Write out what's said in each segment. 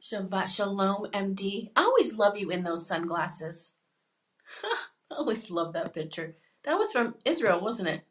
Shabbat Shalom, MD. I always love you in those sunglasses. I always love that picture. That was from Israel, wasn't it?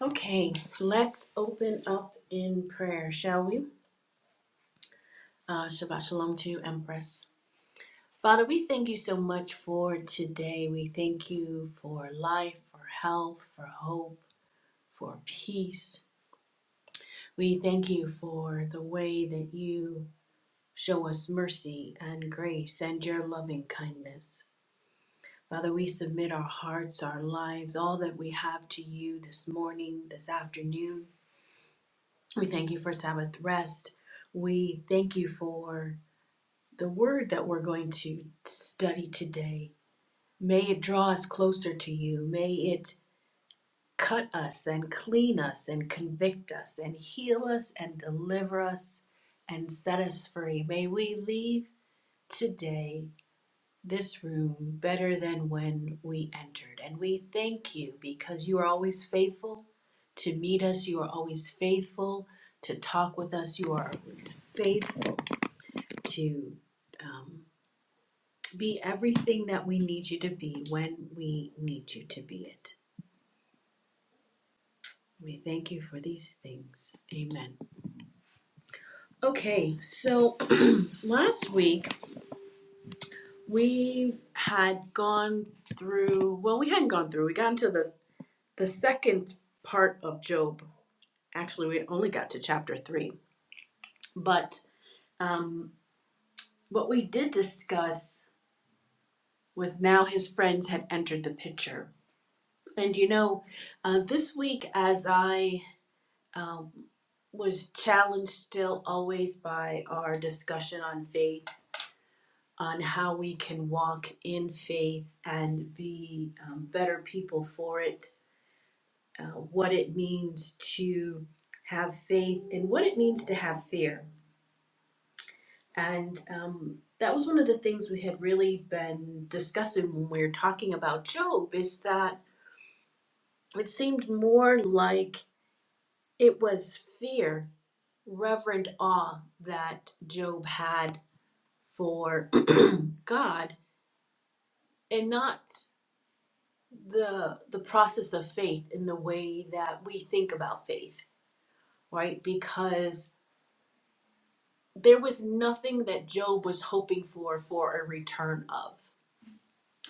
Okay, let's open up in prayer, shall we? Uh, Shabbat Shalom to you, Empress. Father, we thank you so much for today. We thank you for life, for health, for hope, for peace. We thank you for the way that you show us mercy and grace and your loving kindness. Father, we submit our hearts, our lives, all that we have to you this morning, this afternoon. We thank you for Sabbath rest. We thank you for the word that we're going to study today. May it draw us closer to you. May it cut us and clean us and convict us and heal us and deliver us and set us free. May we leave today this room better than when we entered. And we thank you because you are always faithful to meet us. You are always faithful to talk with us. You are always faithful to um, be everything that we need you to be when we need you to be it. We thank you for these things. Amen. Okay, so last week we had gone through, well, we hadn't gone through, we got into the The second part of Job, actually, we only got to chapter three, but um, what we did discuss was now his friends had entered the picture. And you know, uh, this week, as I um, was challenged still always by our discussion on faith, on how we can walk in faith and be um, better people for it, uh, what it means to have faith, and what it means to have fear. And um, that was one of the things we had really been discussing when we were talking about Job is that it seemed more like it was fear, reverent awe that Job had for God and not the the process of faith in the way that we think about faith, right? Because there was nothing that Job was hoping for for a return of.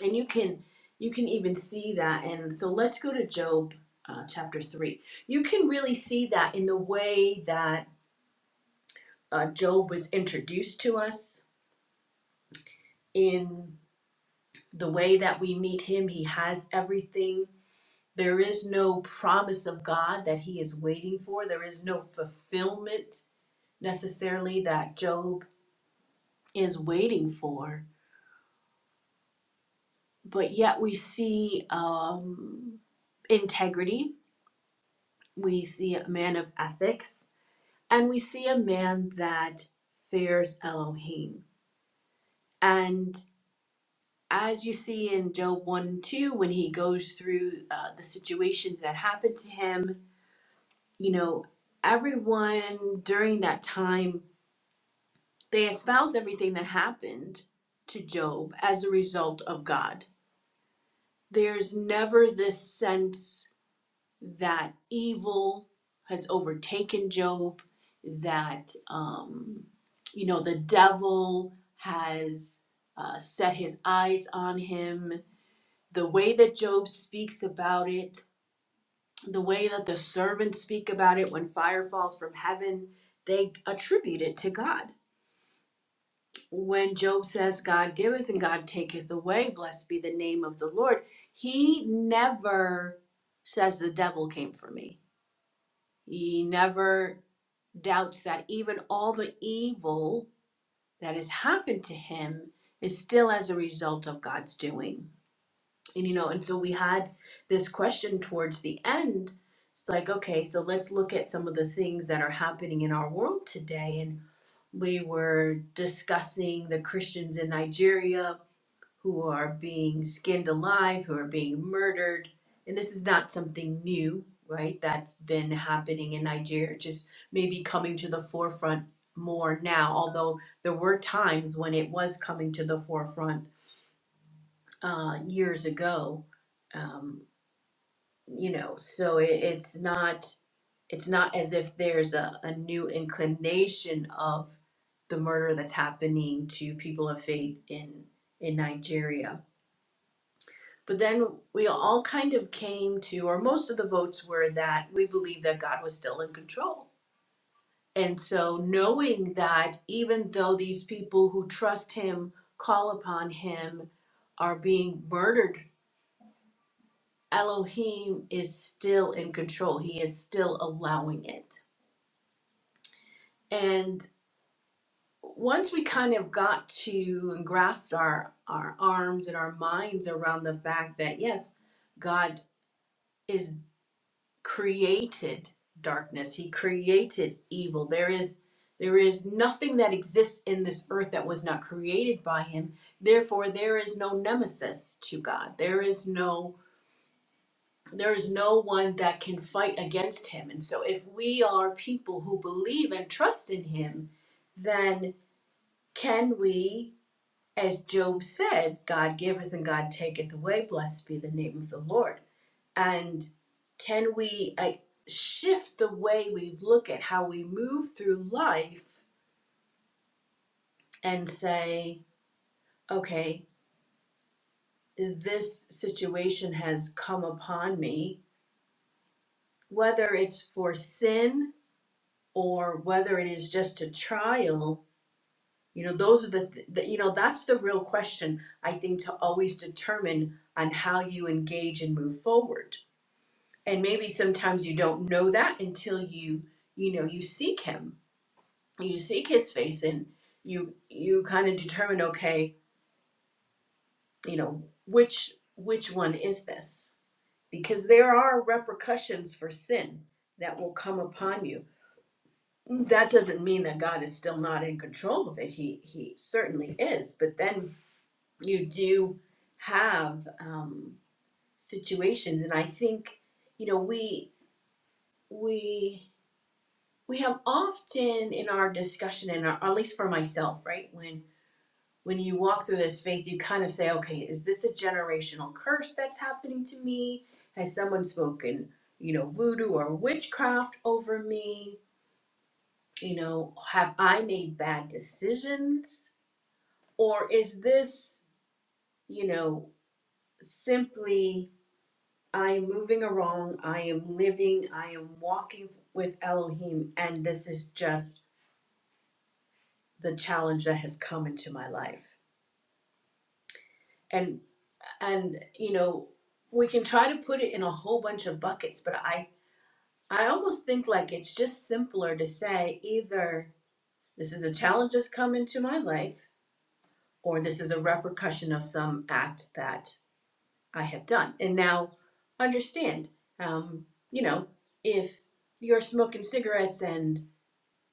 and you can you can even see that and so let's go to job uh, chapter 3 you can really see that in the way that uh, job was introduced to us in the way that we meet him he has everything there is no promise of god that he is waiting for there is no fulfillment necessarily that job is waiting for but yet we see um, integrity we see a man of ethics And we see a man that fears Elohim. And as you see in Job 1 and 2, when he goes through uh, the situations that happened to him, you know, everyone during that time, they espouse everything that happened to Job as a result of God. There's never this sense that evil has overtaken Job, that, um, you know, the devil has uh, set his eyes on him. The way that Job speaks about it, the way that the servants speak about it when fire falls from heaven, they attribute it to God. When Job says, God giveth and God taketh away, blessed be the name of the Lord, he never says, The devil came for me. He never doubts that even all the evil that has happened to him is still as a result of God's doing. And you know, and so we had this question towards the end. It's like, okay, so let's look at some of the things that are happening in our world today. And we were discussing the Christians in Nigeria who are being skinned alive, who are being murdered. And this is not something new, right? That's been happening in Nigeria, just maybe coming to the forefront more now, although there were times when it was coming to the forefront uh, years ago. Um, you know, so it, it's not it's not as if there's a, a new inclination of the murder that's happening to people of faith in in Nigeria But then we all kind of came to, or most of the votes were that we believe that God was still in control. And so, knowing that even though these people who trust Him, call upon Him, are being murdered, Elohim is still in control. He is still allowing it. And once we kind of got to and grasped our, our arms and our minds around the fact that, yes, God is. created darkness he created evil there is there is nothing that exists in this earth that was not created by him therefore there is no nemesis to god there is no there is no one that can fight against him and so if we are people who believe and trust in him then can we as job said god giveth and god taketh away blessed be the name of the lord and can we like shift the way we look at how we move through life and say okay this situation has come upon me whether it's for sin or whether it is just a trial you know those are the, th- the you know that's the real question i think to always determine on how you engage and move forward and maybe sometimes you don't know that until you you know you seek him you seek his face and you you kind of determine okay you know which which one is this because there are repercussions for sin that will come upon you that doesn't mean that god is still not in control of it he he certainly is but then you do have um situations and i think you know we we we have often in our discussion and at least for myself right when when you walk through this faith, you kind of say, okay, is this a generational curse that's happening to me? Has someone spoken, you know, voodoo or witchcraft over me? You know, have I made bad decisions? Or is this, you know, simply I am moving along, I am living, I am walking with Elohim, and this is just the challenge that has come into my life? and and you know we can try to put it in a whole bunch of buckets but i i almost think like it's just simpler to say either this is a challenge that's come into my life or this is a repercussion of some act that i have done and now understand um, you know if you're smoking cigarettes and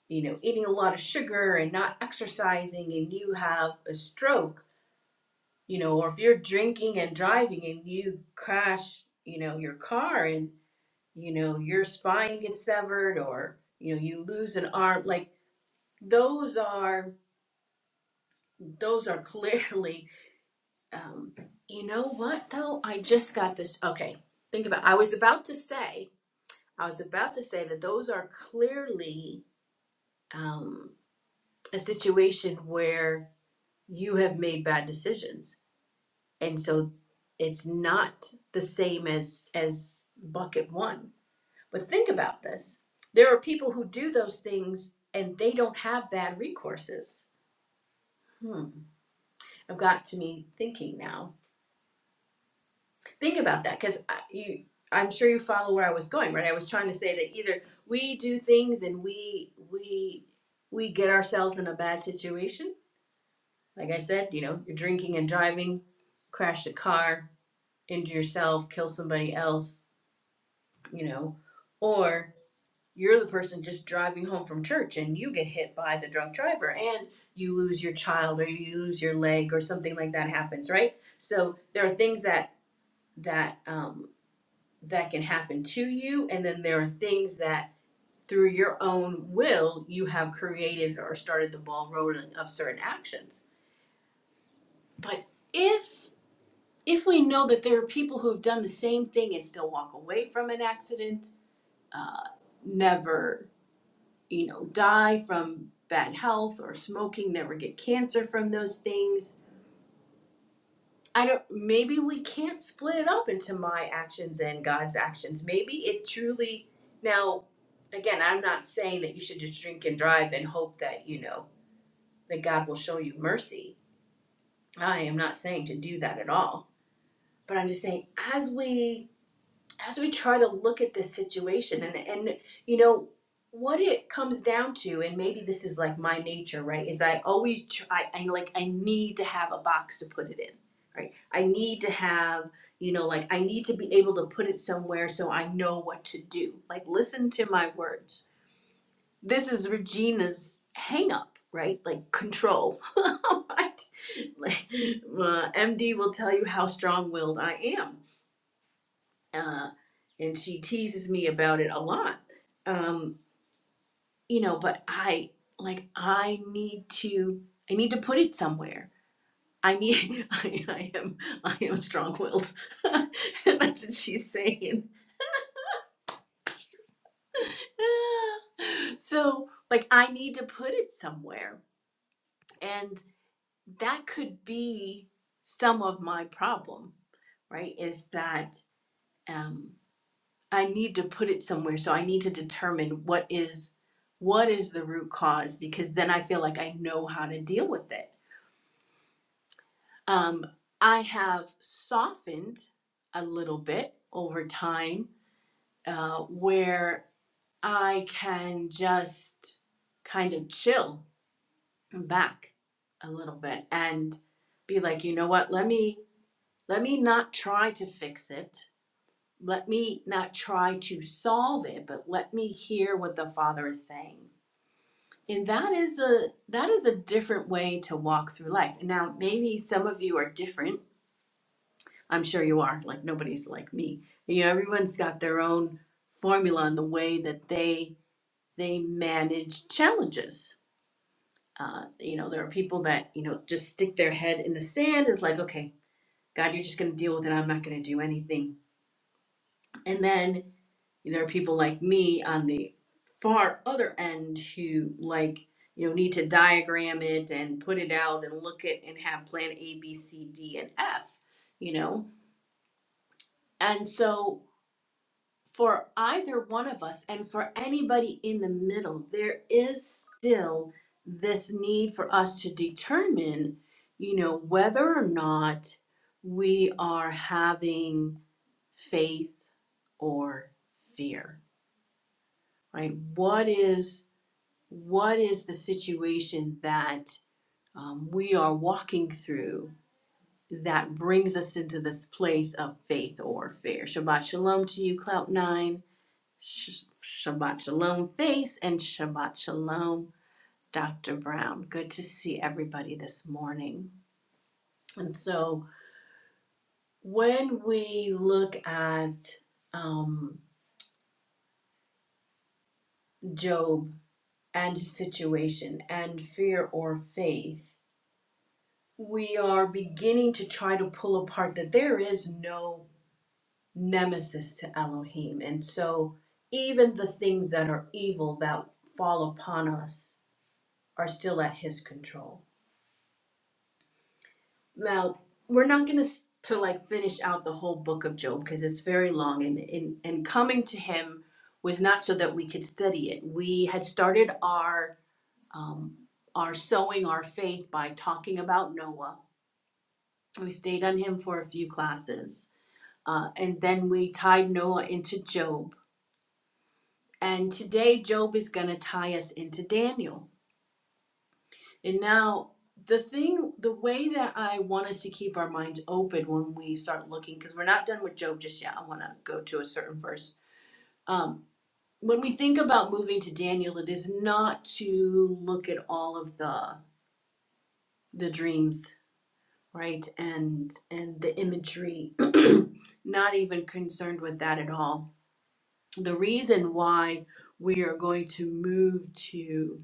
you know eating a lot of sugar and not exercising and you have a stroke you know, or if you're drinking and driving and you crash, you know, your car and, you know, your spine gets severed or, you know, you lose an arm, like those are, those are clearly, um, you know what though? I just got this. Okay. Think about, I was about to say, I was about to say that those are clearly, um, a situation where you have made bad decisions and so it's not the same as as bucket one but think about this there are people who do those things and they don't have bad recourses hmm i've got to me thinking now think about that because you i'm sure you follow where i was going right i was trying to say that either we do things and we we we get ourselves in a bad situation like i said you know you're drinking and driving crash the car into yourself kill somebody else you know, or you're the person just driving home from church and you get hit by the drunk driver and you lose your child or you lose your leg or something like that happens, right? So there are things that that um, that can happen to you, and then there are things that through your own will you have created or started the ball rolling of certain actions. But if if we know that there are people who have done the same thing and still walk away from an accident, uh, never you know, die from bad health or smoking, never get cancer from those things. I don't, maybe we can't split it up into my actions and God's actions. Maybe it truly, now, again, I'm not saying that you should just drink and drive and hope that, you know, that God will show you mercy. I am not saying to do that at all. But I'm just saying, as we as we try to look at this situation and and you know what it comes down to and maybe this is like my nature right is i always try i like i need to have a box to put it in right i need to have you know like i need to be able to put it somewhere so i know what to do like listen to my words this is regina's hang up right like control right like uh, md will tell you how strong-willed i am uh, and she teases me about it a lot. Um, you know, but I like I need to I need to put it somewhere. I need I, I am I am strong willed. and that's what she's saying. so like I need to put it somewhere. And that could be some of my problem, right? Is that um I need to put it somewhere. So I need to determine what is what is the root cause because then I feel like I know how to deal with it. Um, I have softened a little bit over time uh, where I can just kind of chill back a little bit and be like, you know what? Let me let me not try to fix it. Let me not try to solve it, but let me hear what the Father is saying And that is a that is a different way to walk through life. And now maybe some of you are different. I'm sure you are. Like nobody's like me. You know, everyone's got their own formula on the way that they they manage challenges. Uh, you know, there are people that you know just stick their head in the sand. Is like, okay, God, you're just going to deal with it. I'm not going to do anything. And then there are people like me on the far other end who like you know need to diagram it and put it out and look at and have plan a b c d and f you know and so for either one of us and for anybody in the middle there is still this need for us to determine you know whether or not we are having faith or fear right what is what is the situation that um, we are walking through that brings us into this place of faith or fear? Shabbat shalom to you, Clout9, Sh- Shabbat shalom, Face, and Shabbat shalom, Dr. Brown. Good to see everybody this morning. And so when we look at um, Job and his situation and fear or faith, we are beginning to try to pull apart that there is no nemesis to Elohim. And so even the things that are evil that fall upon us are still at his control. Now, we're not going to to like finish out the whole book of Job because it's very long and, and and coming to him was not so that we could study it. We had started our um our sowing our faith by talking about Noah. We stayed on him for a few classes Uh, and then we tied Noah into Job. And today, Job is going to tie us into Daniel. And now, the thing, the way that I want us to keep our minds open when we start looking, because we're not done with Job just yet, I want to go to a certain verse. Um, when we think about moving to Daniel, it is not to look at all of the the dreams, right, and and the imagery. not even concerned with that at all the reason why we are going to move to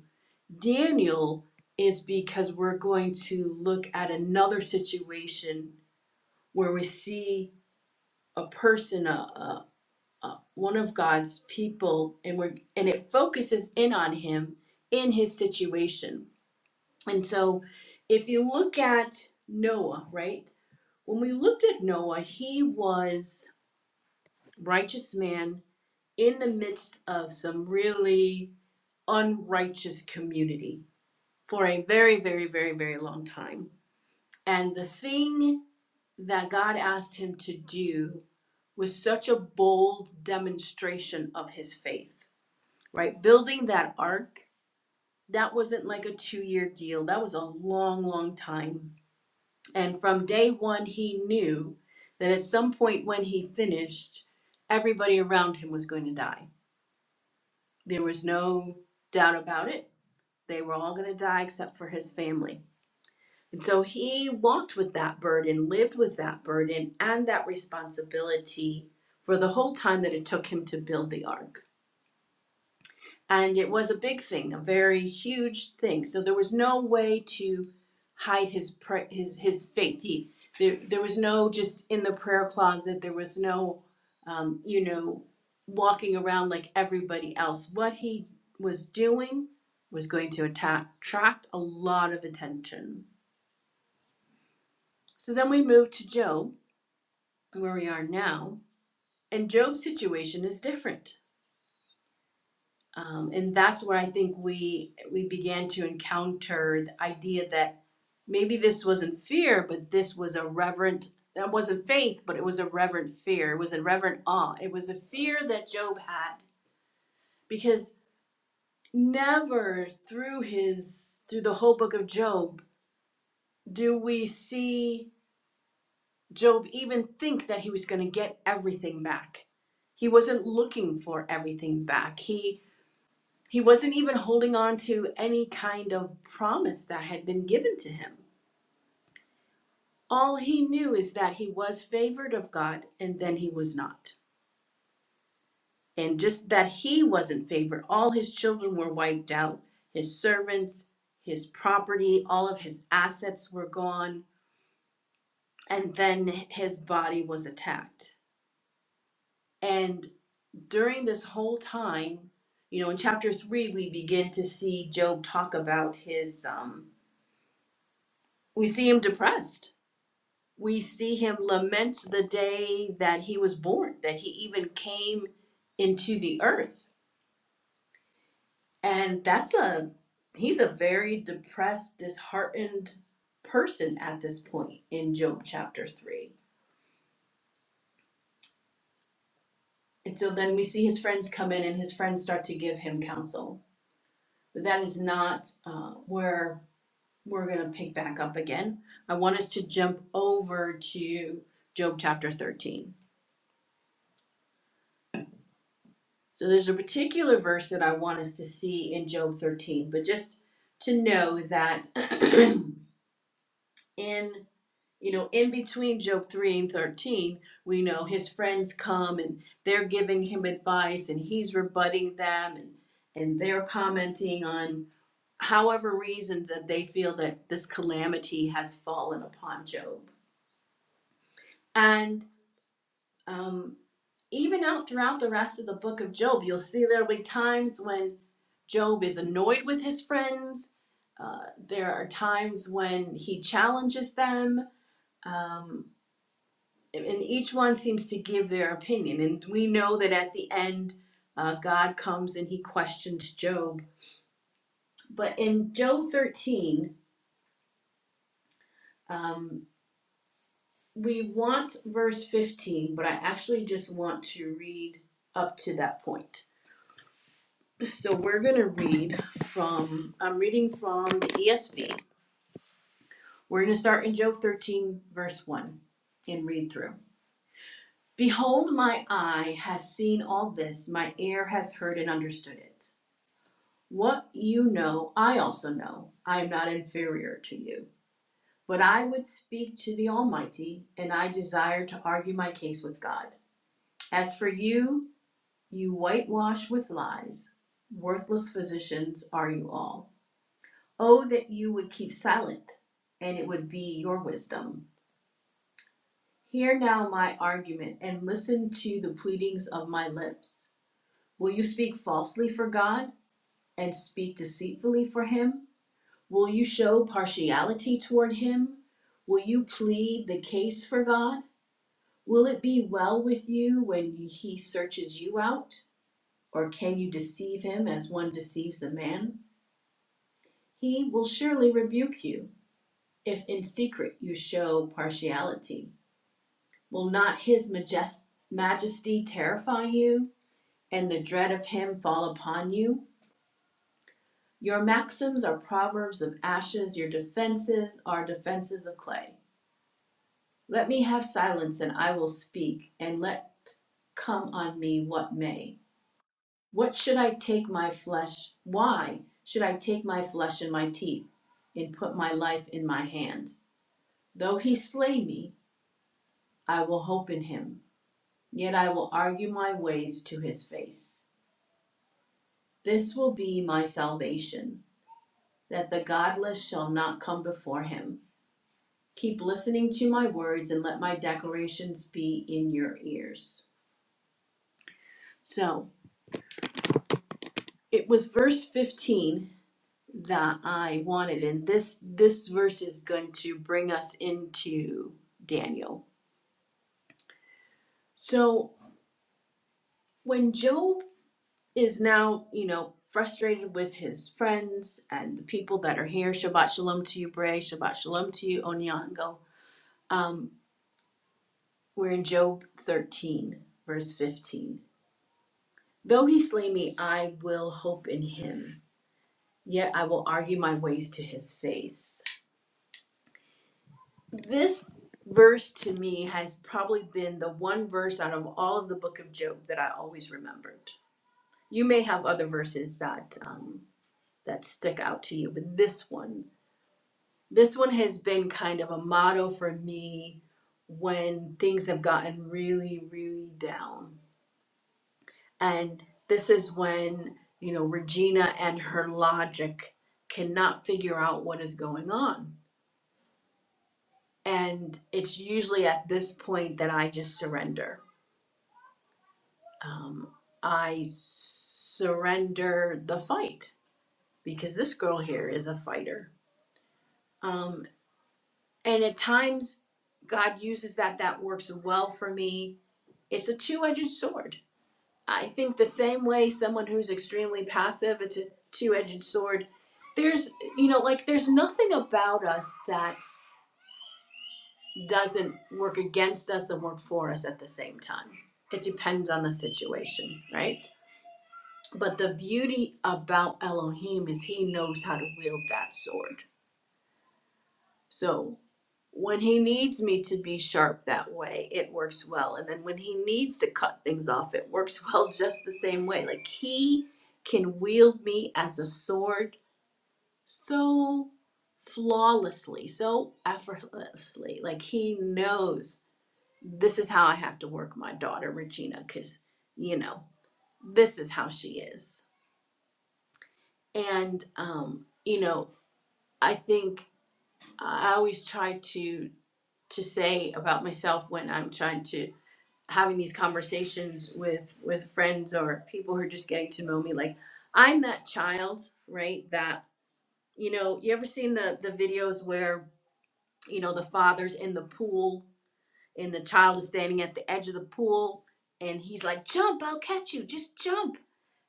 Daniel is because we're going to look at another situation where we see a person, a, a, a- one of God's people, and we're and it focuses in on him in his situation. And so, if you look at Noah, right? When we looked at Noah, he was righteous man in the midst of some really unrighteous community for a very, very, very, very long time. And the thing that God asked him to do was such a bold demonstration of his faith, right? Building that ark, that wasn't like a two year deal, that was a long, long time. And from day one, he knew that at some point when he finished, everybody around him was going to die. There was no doubt about it. They were all going to die except for his family And so he walked with that burden, lived with that burden and that responsibility for the whole time that it took him to build the ark. And it was a big thing, a very huge thing. So there was no way to hide his his his faith. He there, there was no just in the prayer closet. There was no, um, you know, walking around like everybody else. What he was doing was going to attack, attract a lot of attention. So then we move to Job, where we are now. And Job's situation is different. Um, and that's where I think we we began to encounter the idea that maybe this wasn't fear, but this was a reverent that wasn't faith, but it was a reverent fear. It was a reverent awe. It was a fear that Job had because never through his through the whole book of Job do we see Job even think that he was going to get everything back he wasn't looking for everything back he He wasn't even holding on to any kind of promise that had been given to him. All he knew is that he was favored of God and then he was not. And just that he wasn't favored, all his children were wiped out, his servants, his property, all of his assets were gone, and then his body was attacked. And during this whole time, you know, in chapter three, we begin to see Job talk about his, um, we see him depressed we see him lament the day that he was born, that he even came into the earth. And that's a he's a very depressed, disheartened person at this point in Job chapter 3. And so then we see his friends come in and his friends start to give him counsel. But that is not uh, where we're going to pick back up again. I want us to jump over to Job chapter 13. So there's a particular verse that I want us to see in Job 13, but just to know that in you know in between Job 3 and 13, we know his friends come and they're giving him advice and he's rebutting them and and they're commenting on however reasons that they feel that this calamity has fallen upon Job. And um even out throughout the rest of the book of Job, you'll see there'll be times when Job is annoyed with his friends. Uh, there are times when he challenges them. Um, and each one seems to give their opinion. And we know that at the end, uh, God comes and he questions Job. But in Job 13, um, we want verse 15, but I actually just want to read up to that point. So we're going to read from, I'm reading from the ESV. We're going to start in Job 13, verse 1, and read through. Behold, my eye has seen all this, my ear has heard and understood it. What you know, I also know. I am not inferior to you. But I would speak to the Almighty, and I desire to argue my case with God. As for you, you whitewash with lies. Worthless physicians are you all. Oh, that you would keep silent, and it would be your wisdom. Hear now my argument, and listen to the pleadings of my lips. Will you speak falsely for God, and speak deceitfully for him? Will you show partiality toward him? Will you plead the case for God? Will it be well with you when he searches you out? Or can you deceive him as one deceives a man? He will surely rebuke you if in secret you show partiality. Will not his majes- majesty terrify you? and the dread of him fall upon you. Your maxims are proverbs of ashes, your defenses are defenses of clay. Let me have silence, and I will speak, and let come on me what may. What should I take my flesh? Why should I take my flesh in my teeth, and put my life in my hand? Though he slay me, I will hope in him, yet I will argue my ways to his face. This will be my salvation. that the godless shall not come before him. Keep listening to my words and let my declarations be in your ears. So it was verse 15 that I wanted, and this this verse is going to bring us into Daniel. So when Job is now, you know, frustrated with his friends and the people that are here, Shabbat Shalom to you, Bray, Shabbat Shalom to you, Onyango. Um, we're in Job 13, verse 15. Though he slay me, I will hope in him. Yet I will argue my ways to his face. This verse to me has probably been the one verse out of all of the book of Job that I always remembered. You may have other verses that um, that stick out to you, but this one, this one has been kind of a motto for me when things have gotten really, really down And this is when, you know, Regina and her logic cannot figure out what is going on. And it's usually at this point that I just surrender. Um, I surrender the fight because this girl here is a fighter. Um, and at times, God uses that, that works well for me. It's a two edged sword I think the same way someone who's extremely passive, it's a two edged sword. There's, you know, like there's nothing about us that doesn't work against us and work for us at the same time. It depends on the situation, right? But the beauty about Elohim is he knows how to wield that sword. So when he needs me to be sharp that way, it works well. And then when he needs to cut things off, it works well just the same way. Like he can wield me as a sword so flawlessly, so effortlessly. Like he knows this is how I have to work my daughter, Regina, because, you know, this is how she is. And, um, you know, I think I always try to to say about myself when I'm trying to having these conversations with with friends or people who are just getting to know me like i'm that child right that you know you ever seen the the videos where you know the father's in the pool and the child is standing at the edge of the pool and he's like jump i'll catch you just jump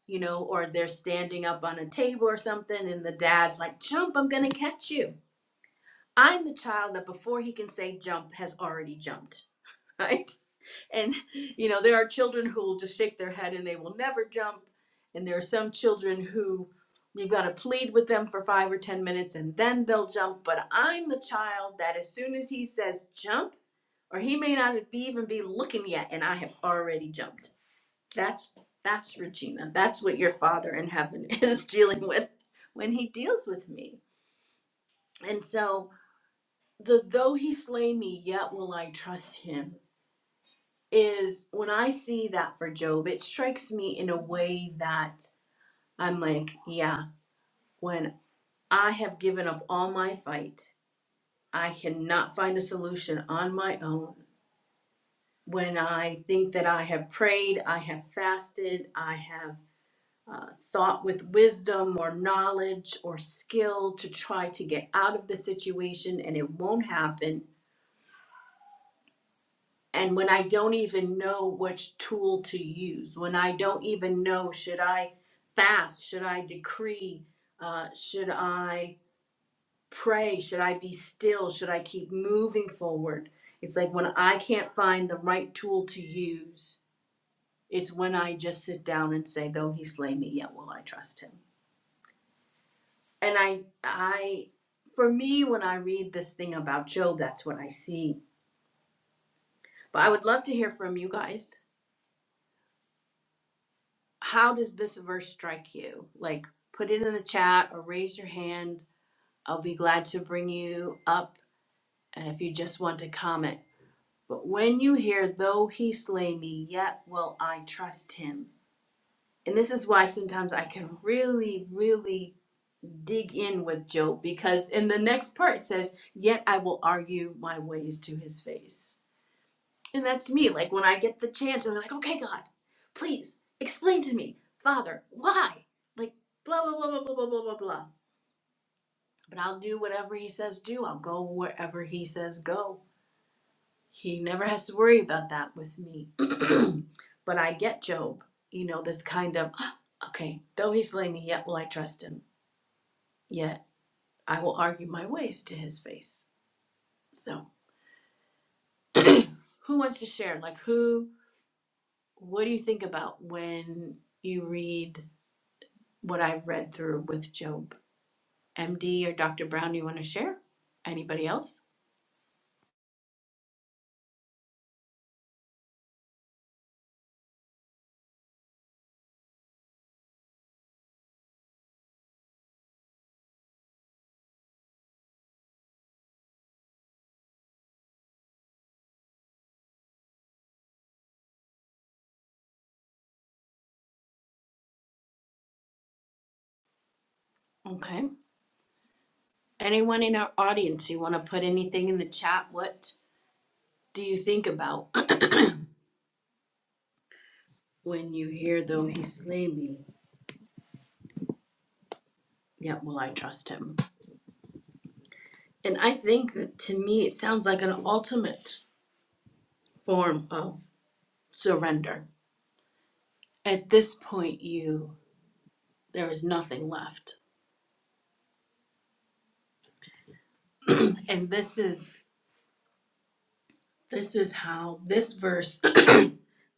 you know or they're standing up on a table or something and the dad's like jump i'm gonna catch you i'm the child that before he can say jump has already jumped right and you know there are children who will just shake their head and they will never jump and there are some children who you've got to plead with them for five or ten minutes and then they'll jump but i'm the child that as soon as he says jump or he may not be even be looking yet and i have already jumped that's that's regina that's what your father in heaven is dealing with when he deals with me and so the though he slay me yet will i trust him is when I see that for Job, it strikes me in a way that I'm like, yeah, when I have given up all my fight, I cannot find a solution on my own. When I think that I have prayed, I have fasted, I have uh, thought with wisdom or knowledge or skill to try to get out of the situation and it won't happen and when I don't even know which tool to use, when I don't even know, should I fast? Should I decree? Uh, should I pray? Should I be still? Should I keep moving forward? It's like when I can't find the right tool to use, it's when I just sit down and say, though he slay me, yet will I trust him. And I, I, for me, when I read this thing about Job, that's what I see. But I would love to hear from you guys how does this verse strike you? Like, put it in the chat or raise your hand. I'll be glad to bring you up and if you just want to comment. But when you hear, though he slay me, yet will I trust him. And this is why sometimes I can really, really dig in with Job because in the next part it says, Yet I will argue my ways to his face. And that's me. Like when I get the chance, I'm like, okay, God, please explain to me, Father, why? Like blah blah blah blah blah blah blah blah But I'll do whatever He says do. I'll go wherever He says go. He never has to worry about that with me. but I get Job. You know this kind of "Ah, okay. Though He slay me, yet will I trust Him. Yet I will argue my ways to His face. So who wants to share? Like who? What do you think about when you read what I've read through with Job. MD or Dr. Brown, you want to share? Anybody else? Okay. Anyone in our audience, you want to put anything in the chat? What do you think about when you hear, though he slay me, yet will I trust him? And I think that to me, it sounds like an ultimate form of surrender. At this point, you there is nothing left, and this is this is how this verse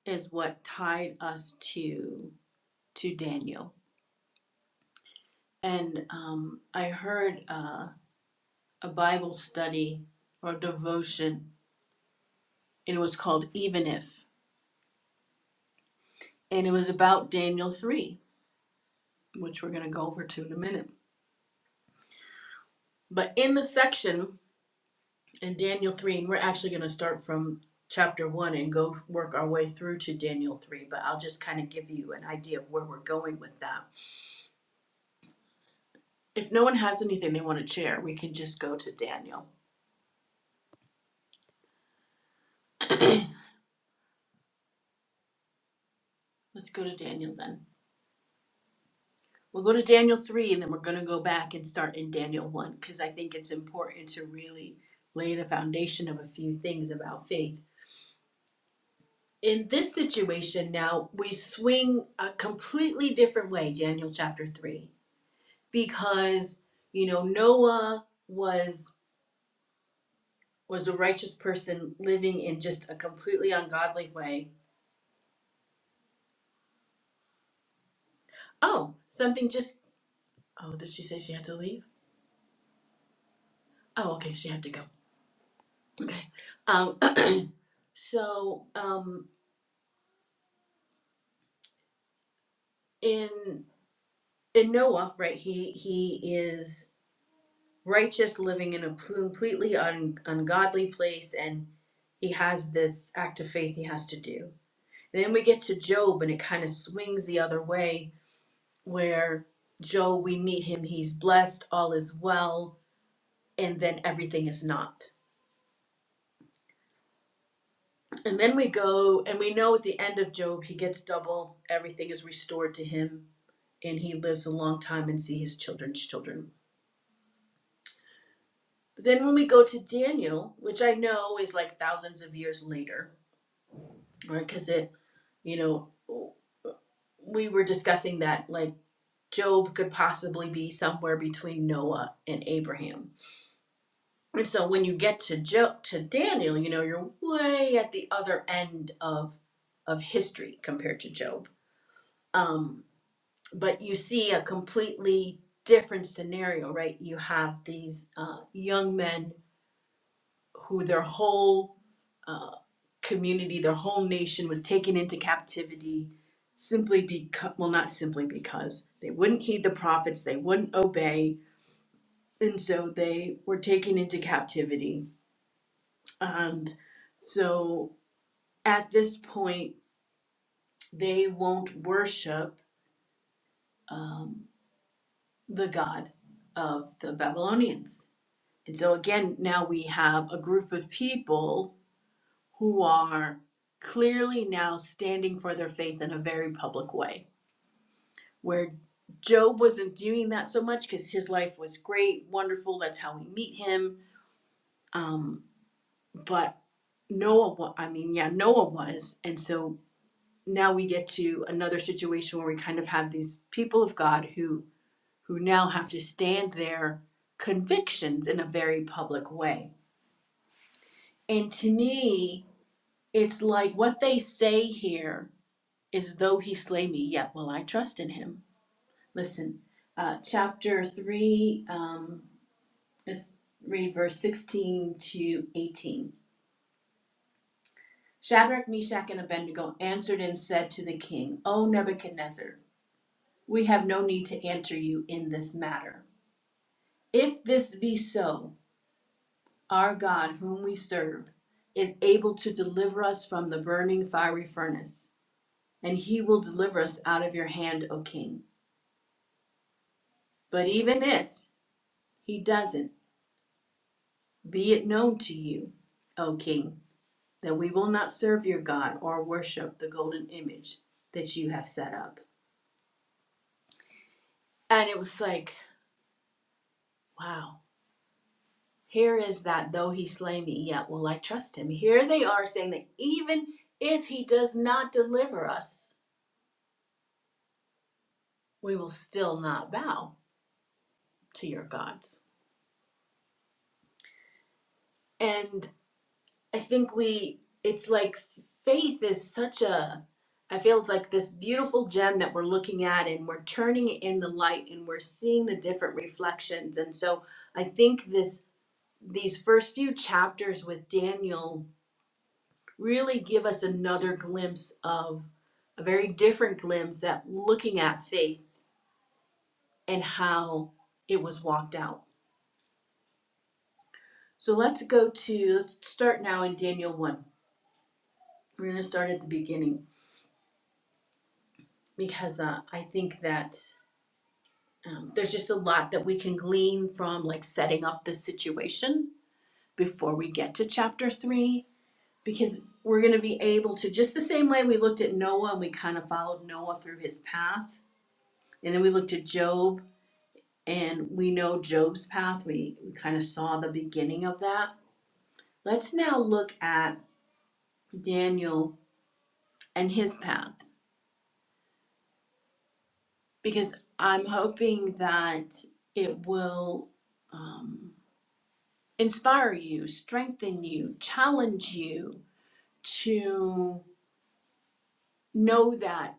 is what tied us to to Daniel. And um, I heard uh, a Bible study or devotion, and it was called Even If. And it was about Daniel 3, which we're going to go over to in a minute. But in the section in Daniel 3, and we're actually going to start from chapter 1 and go work our way through to Daniel 3, but I'll just kind of give you an idea of where we're going with that. If no one has anything they want to share, we can just go to Daniel. Let's go to Daniel then. We'll go to Daniel 3 and then we're going to go back and start in Daniel 1 because I think it's important to really lay the foundation of a few things about faith. In this situation, now we swing a completely different way, Daniel chapter 3, because you know Noah was was a righteous person living in just a completely ungodly way. Oh, something just oh, did she say she had to leave? Oh, okay, she had to go. Okay. Um so um in in Noah, right? He he is righteous, living in a completely un, ungodly place, and he has this act of faith he has to do. And then we get to Job, and it kind of swings the other way, where Job we meet him, he's blessed, all is well, and then everything is not. And then we go, and we know at the end of Job, he gets double, everything is restored to him, and he lives a long time and see his children's children But then when we go to Daniel, which I know is like thousands of years later, right? Because it, you know, we were discussing that like Job could possibly be somewhere between Noah and Abraham. And so when you get to Job to Daniel, you know, you're way at the other end of of history compared to Job. Um, but you see a completely different scenario, right? You have these uh, young men who their whole uh, community, their whole nation was taken into captivity simply because, well, not simply because, they wouldn't heed the prophets, they wouldn't obey, and so they were taken into captivity. And so at this point, they won't worship um, the God of the Babylonians. And so again, now we have a group of people who are clearly now standing for their faith in a very public way where Job wasn't doing that so much because his life was great, wonderful. That's how we meet him. Um, but Noah, I mean, yeah, Noah was. And so now we get to another situation where we kind of have these people of God who who now have to stand their convictions in a very public way. And to me, it's like what they say here is, though he slay me, yet will I trust in him. Listen, uh, chapter 3, um, Let's read verse sixteen to eighteen. Shadrach, Meshach, and Abednego answered and said to the king, O Nebuchadnezzar, we have no need to answer you in this matter. If this be so, our God, whom we serve, is able to deliver us from the burning fiery furnace, and he will deliver us out of your hand, O king. But even if he doesn't, be it known to you, O king, that we will not serve your God or worship the golden image that you have set up. And it was like, wow, here is that though he slay me, yet will I trust him. Here they are saying that even if he does not deliver us, we will still not bow to your gods. And I think we, it's like faith is such a, I feel it's like this beautiful gem that we're looking at and we're turning it in the light and we're seeing the different reflections. And so I think this these first few chapters with Daniel really give us another glimpse of a very different glimpse at looking at faith and how it was walked out. So let's go to, let's start now in Daniel 1. We're going to start at the beginning because uh, I think that um, there's just a lot that we can glean from like setting up the situation before we get to chapter 3 because we're going to be able to just the same way we looked at Noah and we kind of followed Noah through his path and then we looked at Job and we know Job's path we, we kind of saw the beginning of that let's now look at Daniel and his path because I'm hoping that it will um, inspire you strengthen you challenge you to know that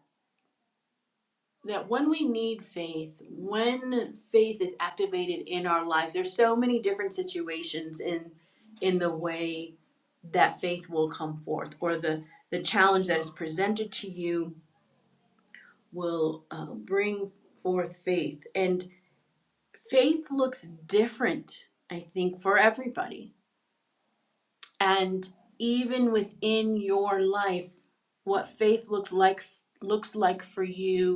that when we need faith, when faith is activated in our lives, there's so many different situations in in the way that faith will come forth, or the the challenge that is presented to you will uh, bring forth faith. And faith looks different, I think, for everybody. And even within your life, what faith looks like looks like for you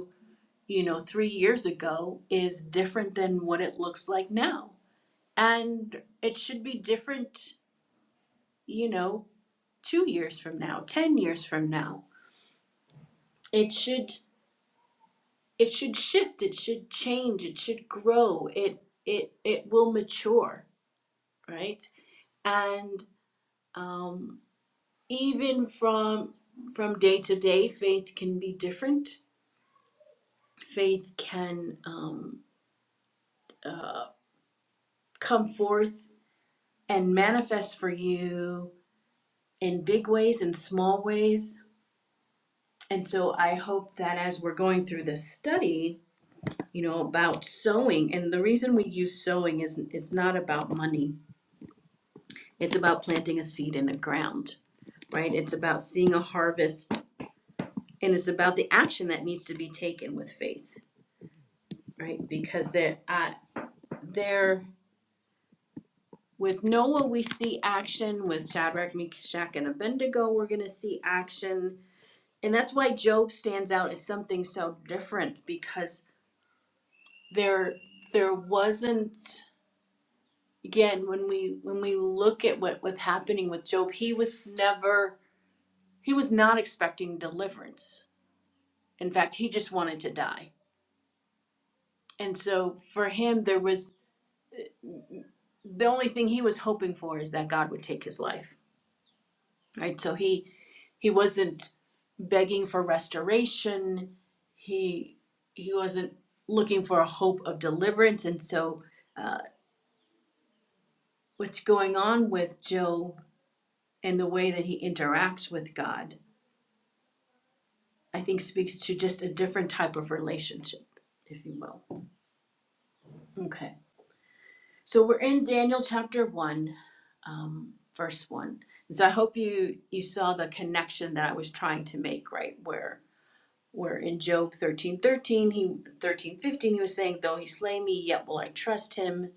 you know, three years ago is different than what it looks like now. And it should be different, you know, two years from now, 10 years from now. It should it should shift, it should change, it should grow, it it it will mature, right? And um, even from from day to day, faith can be different. Faith can um, uh, come forth and manifest for you in big ways and small ways. And so I hope that as we're going through this study, you know, about sowing, and the reason we use sowing is it's not about money. It's about planting a seed in the ground, right? It's about seeing a harvest and it's about the action that needs to be taken with faith, right? Because there uh there with Noah we see action, with Shadrach, Meshach, and Abednego, we're gonna see action. And that's why Job stands out as something so different because there there wasn't again when we when we look at what was happening with job he was never he was not expecting deliverance in fact he just wanted to die and so for him there was the only thing he was hoping for is that god would take his life right so he he wasn't begging for restoration he he wasn't looking for a hope of deliverance and so uh, what's going on with Job? and the way that he interacts with God, I think speaks to just a different type of relationship, if you will. Okay. So we're in Daniel chapter 1, um, verse 1. And so I hope you you saw the connection that I was trying to make, right? Where where in Job 13 13 he 13 15 he was saying, Though he slay me, yet will I trust him.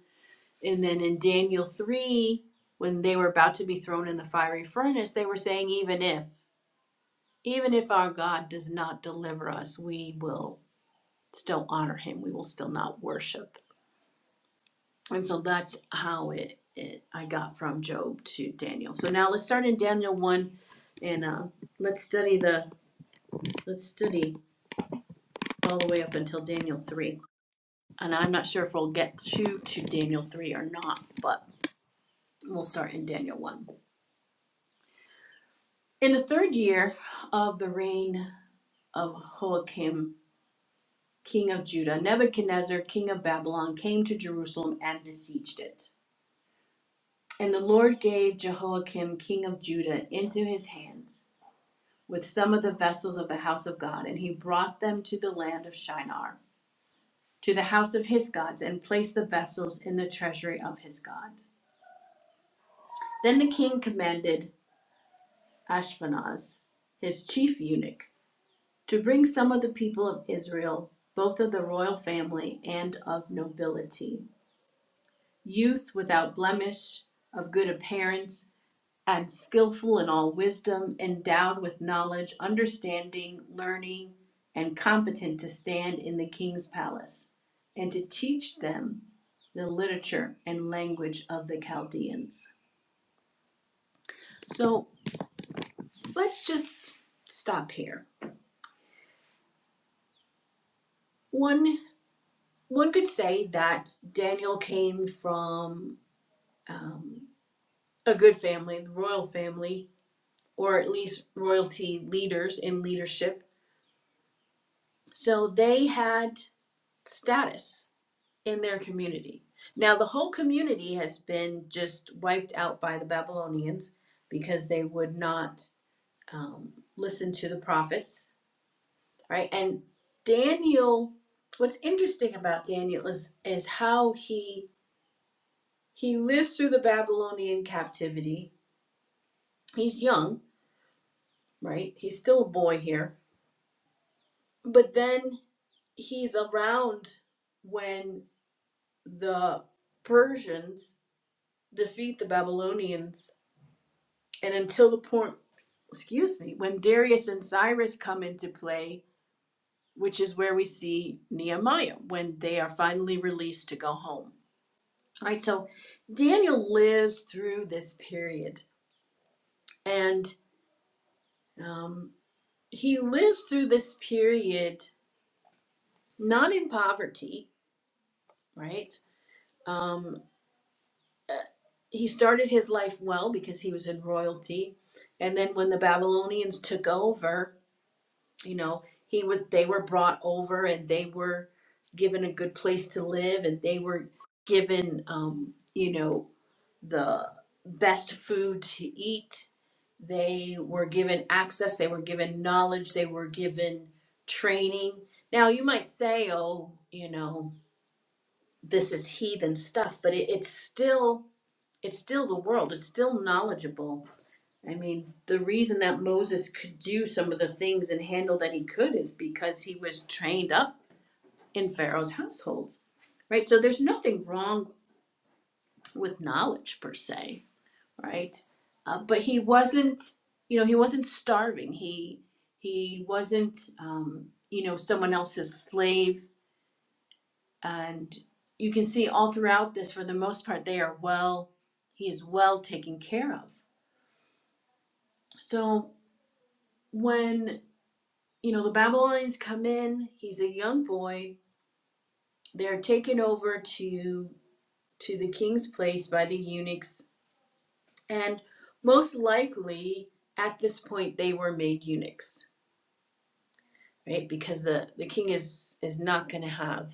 And then in Daniel 3, when they were about to be thrown in the fiery furnace, they were saying, Even if. even if our God does not deliver us, we will still honor him. We will still not worship. And so that's how it, it I got from Job to Daniel. So now let's start in Daniel 1 and uh, let's study the let's study all the way up until Daniel 3. And I'm not sure if we'll get to to Daniel 3 or not, but we'll start in Daniel 1. In the third year of the reign of Joachim king of Judah, Nebuchadnezzar, king of Babylon, came to Jerusalem and besieged it. And the Lord gave Jehoiakim, king of Judah, into his hands with some of the vessels of the house of God, and he brought them to the land of Shinar, to the house of his gods, and placed the vessels in the treasury of his God. Then the king commanded Ashpenaz, his chief eunuch, to bring some of the people of Israel, both of the royal family and of nobility youth without blemish, of good appearance, and skillful in all wisdom, endowed with knowledge, understanding, learning, and competent to stand in the king's palace, and to teach them the literature and language of the Chaldeans. So let's just stop here. One one could say that Daniel came from um, a good family, the royal family, or at least royalty leaders in leadership. So they had status in their community. Now, the whole community has been just wiped out by the Babylonians because they would not um, listen to the prophets, right? And Daniel, what's interesting about Daniel is is how he he lives through the Babylonian captivity. He's young, right? He's still a boy here, but then he's around when the Persians defeat the Babylonians, and until the point, excuse me, when Darius and Cyrus come into play, which is where we see Nehemiah when they are finally released to go home. All right, so Daniel lives through this period, and um, he lives through this period not in poverty, right? Um, uh, he started his life well because he was in royalty and then when the babylonians took over you know he would they were brought over and they were given a good place to live and they were given um, you know the best food to eat they were given access they were given knowledge they were given training now you might say oh you know this is heathen stuff but it, it's still it's still the world, it's still knowledgeable. I mean, the reason that Moses could do some of the things and handle that he could is because he was trained up in Pharaoh's household, right? So there's nothing wrong with knowledge per se, right? Uh, but he wasn't, you know, he wasn't starving. He he wasn't, um, you know, someone else's slave. And you can see all throughout this, for the most part, they are well. He is well taken care of. So when you know the Babylonians come in, he's a young boy. They're taken over to to the king's place by the eunuchs, and most likely at this point they were made eunuchs, right? Because the the king is is not going to have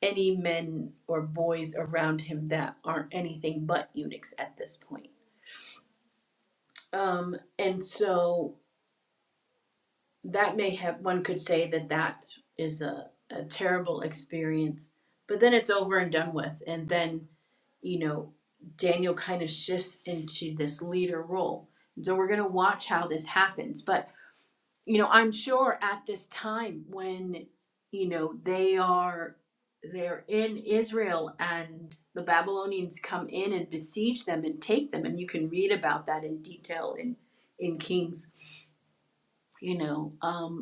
any men or boys around him that aren't anything but eunuchs at this point. Um, and so that may have one could say that that is a, a terrible experience but then it's over and done with and then you know daniel kind of shifts into this leader role so we're going to watch how this happens but you know i'm sure at this time when you know they are they're in israel and the babylonians come in and besiege them and take them and you can read about that in detail in in kings you know um,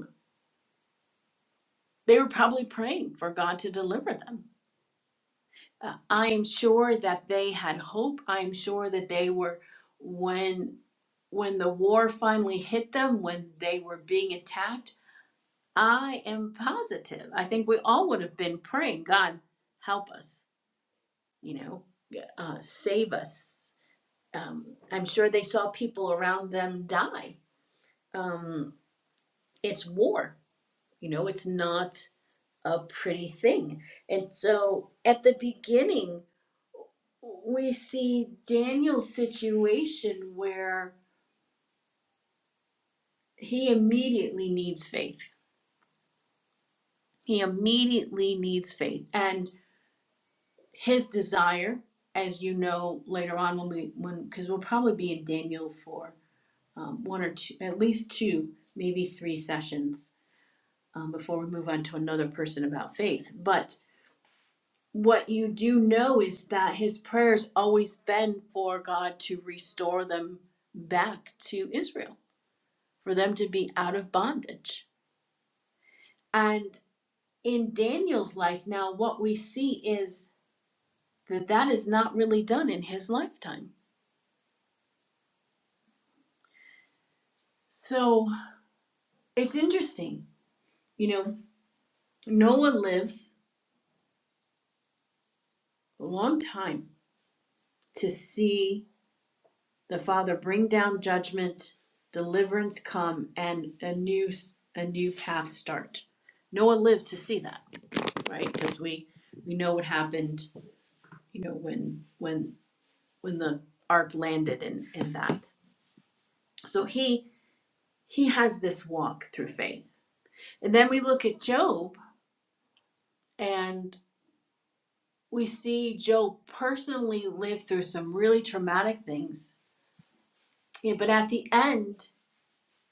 They were probably praying for God to deliver them. Uh, I am sure that they had hope. I am sure that they were when when the war finally hit them, when they were being attacked, I am positive. I think we all would have been praying, God, help us, you know, uh, save us. Um, I'm sure they saw people around them die. Um, it's war, you know, it's not a pretty thing. And so at the beginning, we see Daniel's situation where he immediately needs faith. He immediately needs faith, and his desire, as you know later on when we when because we'll probably be in Daniel for um, one or two, at least two, maybe three sessions um, before we move on to another person about faith. But what you do know is that his prayers always been for God to restore them back to Israel for them to be out of bondage. And in Daniel's life now, what we see is that that is not really done in his lifetime. So it's interesting. You know, Noah lives a long time to see the Father bring down judgment, deliverance come, and a new a new path start. Noah lives to see that, right? Because we we know what happened, you know, when when when the ark landed and and that. So he he has this walk through faith. And then we look at Job and we see Job personally live through some really traumatic things. Yeah, but at the end,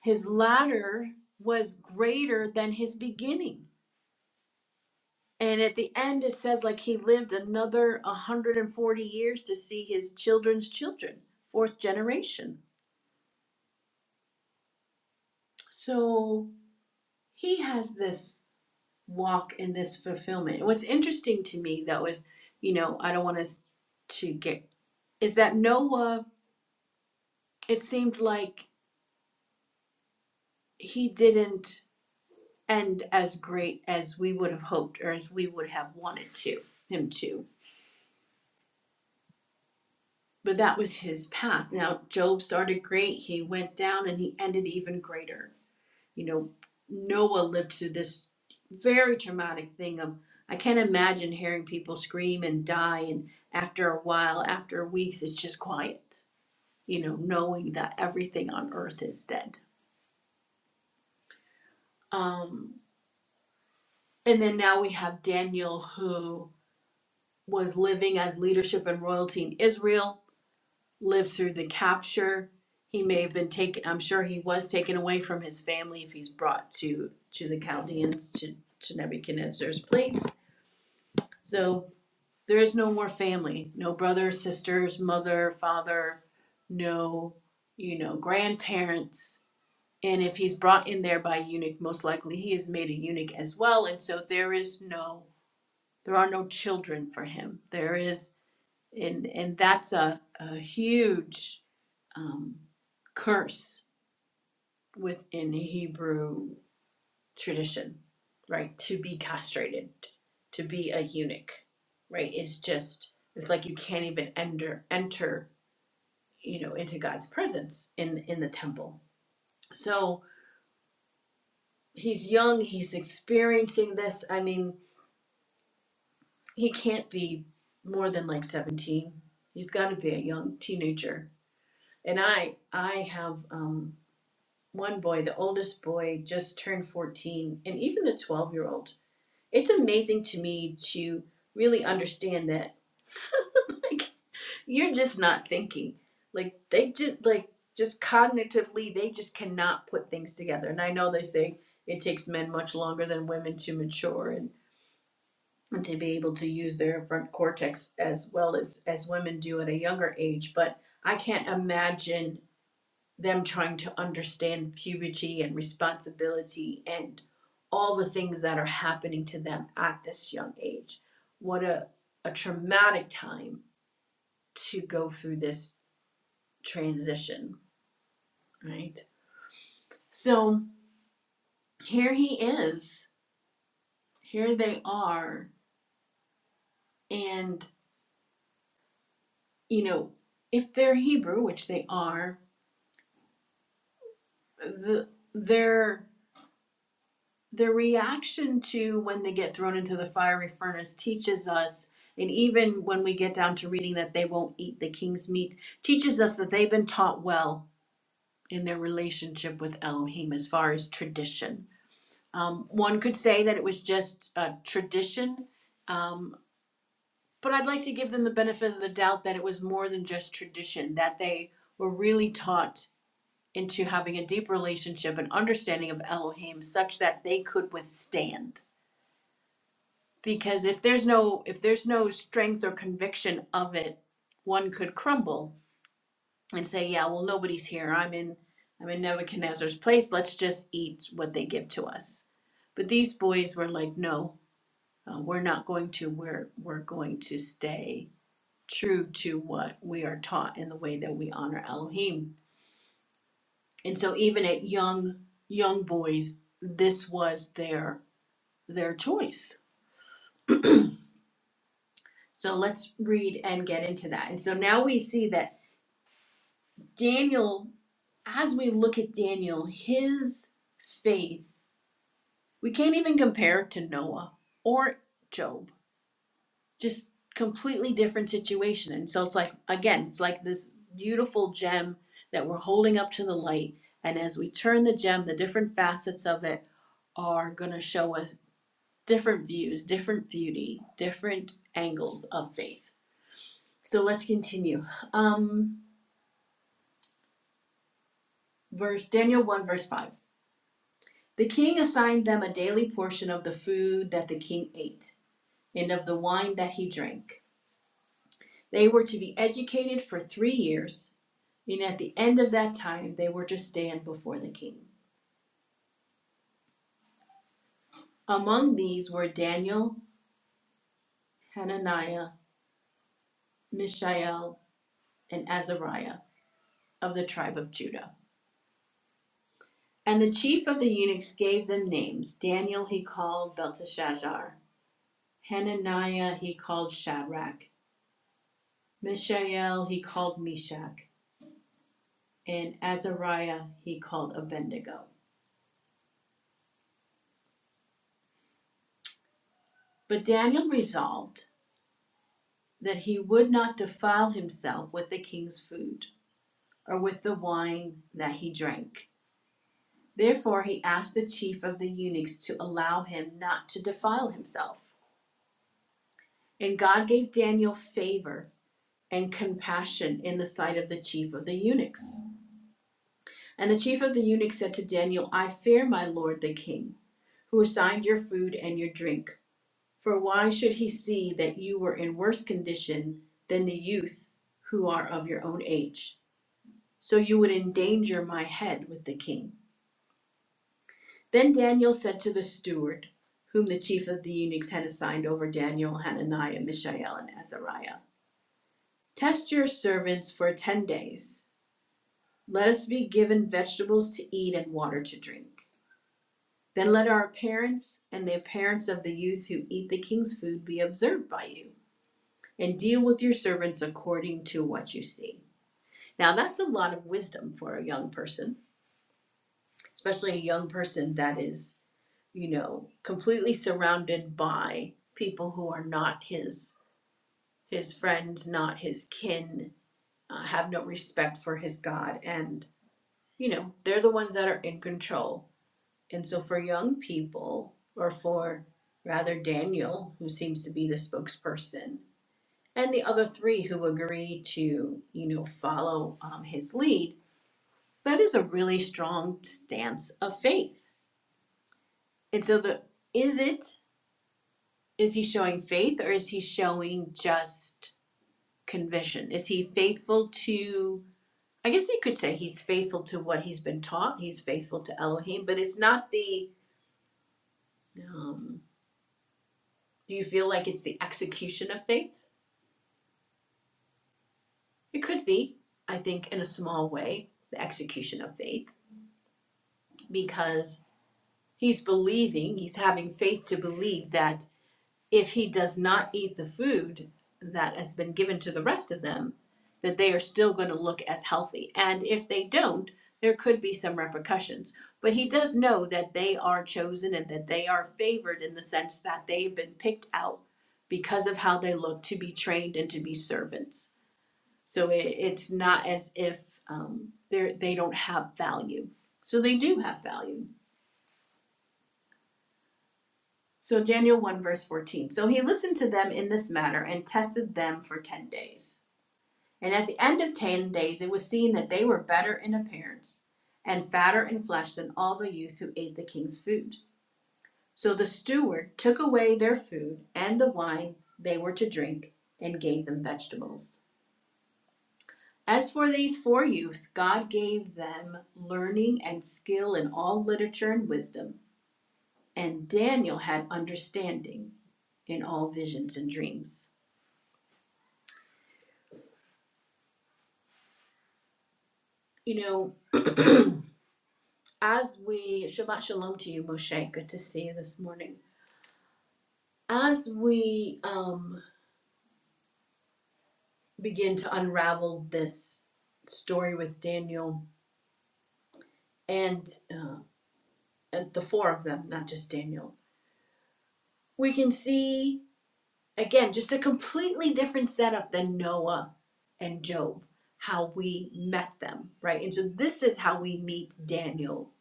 his latter was greater than his beginning. And at the end, it says like he lived another 140 years to see his children's children, fourth generation. So he has this. walk in this fulfillment. And What's interesting to me though is, you know, I don't want us to get is that Noah it seemed like he didn't end as great as we would have hoped or as we would have wanted to him to. But that was his path. Now Job started great, he went down and he ended even greater you know, Noah lived through this very traumatic thing of I can't imagine hearing people scream and die and after a while, after weeks, it's just quiet, you know, knowing that everything on earth is dead. Um and then now we have Daniel who was living as leadership and royalty in Israel, lived through the capture. He may have been taken I'm sure he was taken away from his family if he's brought to to the Chaldeans to to Nebuchadnezzar's place. So There is no more family, no brothers, sisters, mother, father, no, you know, grandparents. And if he's brought in there by a eunuch, most likely he is made a eunuch as well. And so there is no, there are no children for him. There is, and and that's a, a huge um, curse within Hebrew tradition, right? To be castrated, to be a eunuch, right? It's just it's like you can't even enter enter, you know, into God's presence in in the temple. So he's young, he's experiencing this. I mean, he can't be more than like 17. He's got to be a young teenager. And I I have um one boy, the oldest boy just turned 14, and even the 12-year-old It's amazing to me to really understand that like you're just not thinking. Like they just like just cognitively they just cannot put things together. And I know they say it takes men much longer than women to mature and, and to be able to use their front cortex as well as as women do at a younger age, but I can't imagine them trying to understand puberty and responsibility and all the things that are happening to them at this young age. What a, a traumatic time to go through this transition, right? So here he is, here they are, and you know, if they're Hebrew, which they are, the, their the reaction to when they get thrown into the fiery furnace teaches us and even when we get down to reading that they won't eat the king's meat teaches us that they've been taught well in their relationship with elohim as far as tradition um, one could say that it was just a tradition um, but i'd like to give them the benefit of the doubt that it was more than just tradition that they were really taught into having a deep relationship and understanding of elohim such that they could withstand because if there's no if there's no strength or conviction of it one could crumble and say yeah well nobody's here i'm in i'm in nebuchadnezzar's place let's just eat what they give to us but these boys were like no uh, we're not going to we're we're going to stay true to what we are taught in the way that we honor elohim and so even at young young boys this was their their choice so let's read and get into that. And so now we see that Daniel, as we look at Daniel, his faith, we can't even compare it to Noah or Job. Just completely different situation. And so it's like, again, it's like this beautiful gem that we're holding up to the light. And as we turn the gem, the different facets of it are going to show us different views, different beauty, different angles of faith. So let's continue. Um, verse Daniel 1, verse 5. The king assigned them a daily portion of the food that the king ate and of the wine that he drank. They were to be educated for three years, and at the end of that time they were to stand before the king. Among these were Daniel, Hananiah, Mishael, and Azariah of the tribe of Judah. And the chief of the eunuchs gave them names. Daniel he called Belteshazzar, Hananiah he called Shadrach, Mishael he called Meshach, and Azariah he called Abednego. But Daniel resolved that he would not defile himself with the king's food or with the wine that he drank. Therefore, he asked the chief of the eunuchs to allow him not to defile himself. And God gave Daniel favor and compassion in the sight of the chief of the eunuchs. And the chief of the eunuchs said to Daniel, I fear my lord the king, who assigned your food and your drink. For why should he see that you were in worse condition than the youth who are of your own age? So you would endanger my head with the king. Then Daniel said to the steward, whom the chief of the eunuchs had assigned over Daniel, Hananiah, Mishael, and Azariah Test your servants for ten days. Let us be given vegetables to eat and water to drink. Then let our appearance and the appearance of the youth who eat the king's food be observed by you. and deal with your servants according to what you see. Now, that's a lot of wisdom for a young person, especially a young person that is, you know, completely surrounded by people who are not his his friends, not his kin, uh, have no respect for his God, and you know, they're the ones that are in control. And so, for young people, or for rather Daniel, who seems to be the spokesperson and the other three who agree to, you know, follow um, his lead, that is a really strong stance of faith. And so, the is it is he showing faith or is he showing just conviction? Is he faithful to? I guess you could say he's faithful to what he's been taught. He's faithful to Elohim, but it's not the. Um, do you feel like it's the execution of faith? It could be. I think in a small way, the execution of faith, because he's believing, he's having faith to believe that if he does not eat the food that has been given to the rest of them, that they are still going to look as healthy. And if they don't, there could be some repercussions. But he does know that they are chosen and that they are favored in the sense that they've been picked out because of how they look to be trained and to be servants. So it, it's not as if um, they're- they they do not have value. So they do have value. So Daniel 1 verse 14. So he listened to them in this matter and tested them for 10 days. And at the end of 10 days, it was seen that they were better in appearance and fatter in flesh than all the youth who ate the king's food. So the steward took away their food and the wine they were to drink and gave them vegetables. As for these four youth, God gave them learning and skill in all literature and wisdom, and Daniel had understanding in all visions and dreams. you know, as we Shabbat Shalom to you, Moshe. Good to see you this morning. As we um, begin to unravel this story with Daniel and, uh, and the four of them, not just Daniel, we can see again just a completely different setup than Noah and Job. How we met them, right? And so this is how we meet Daniel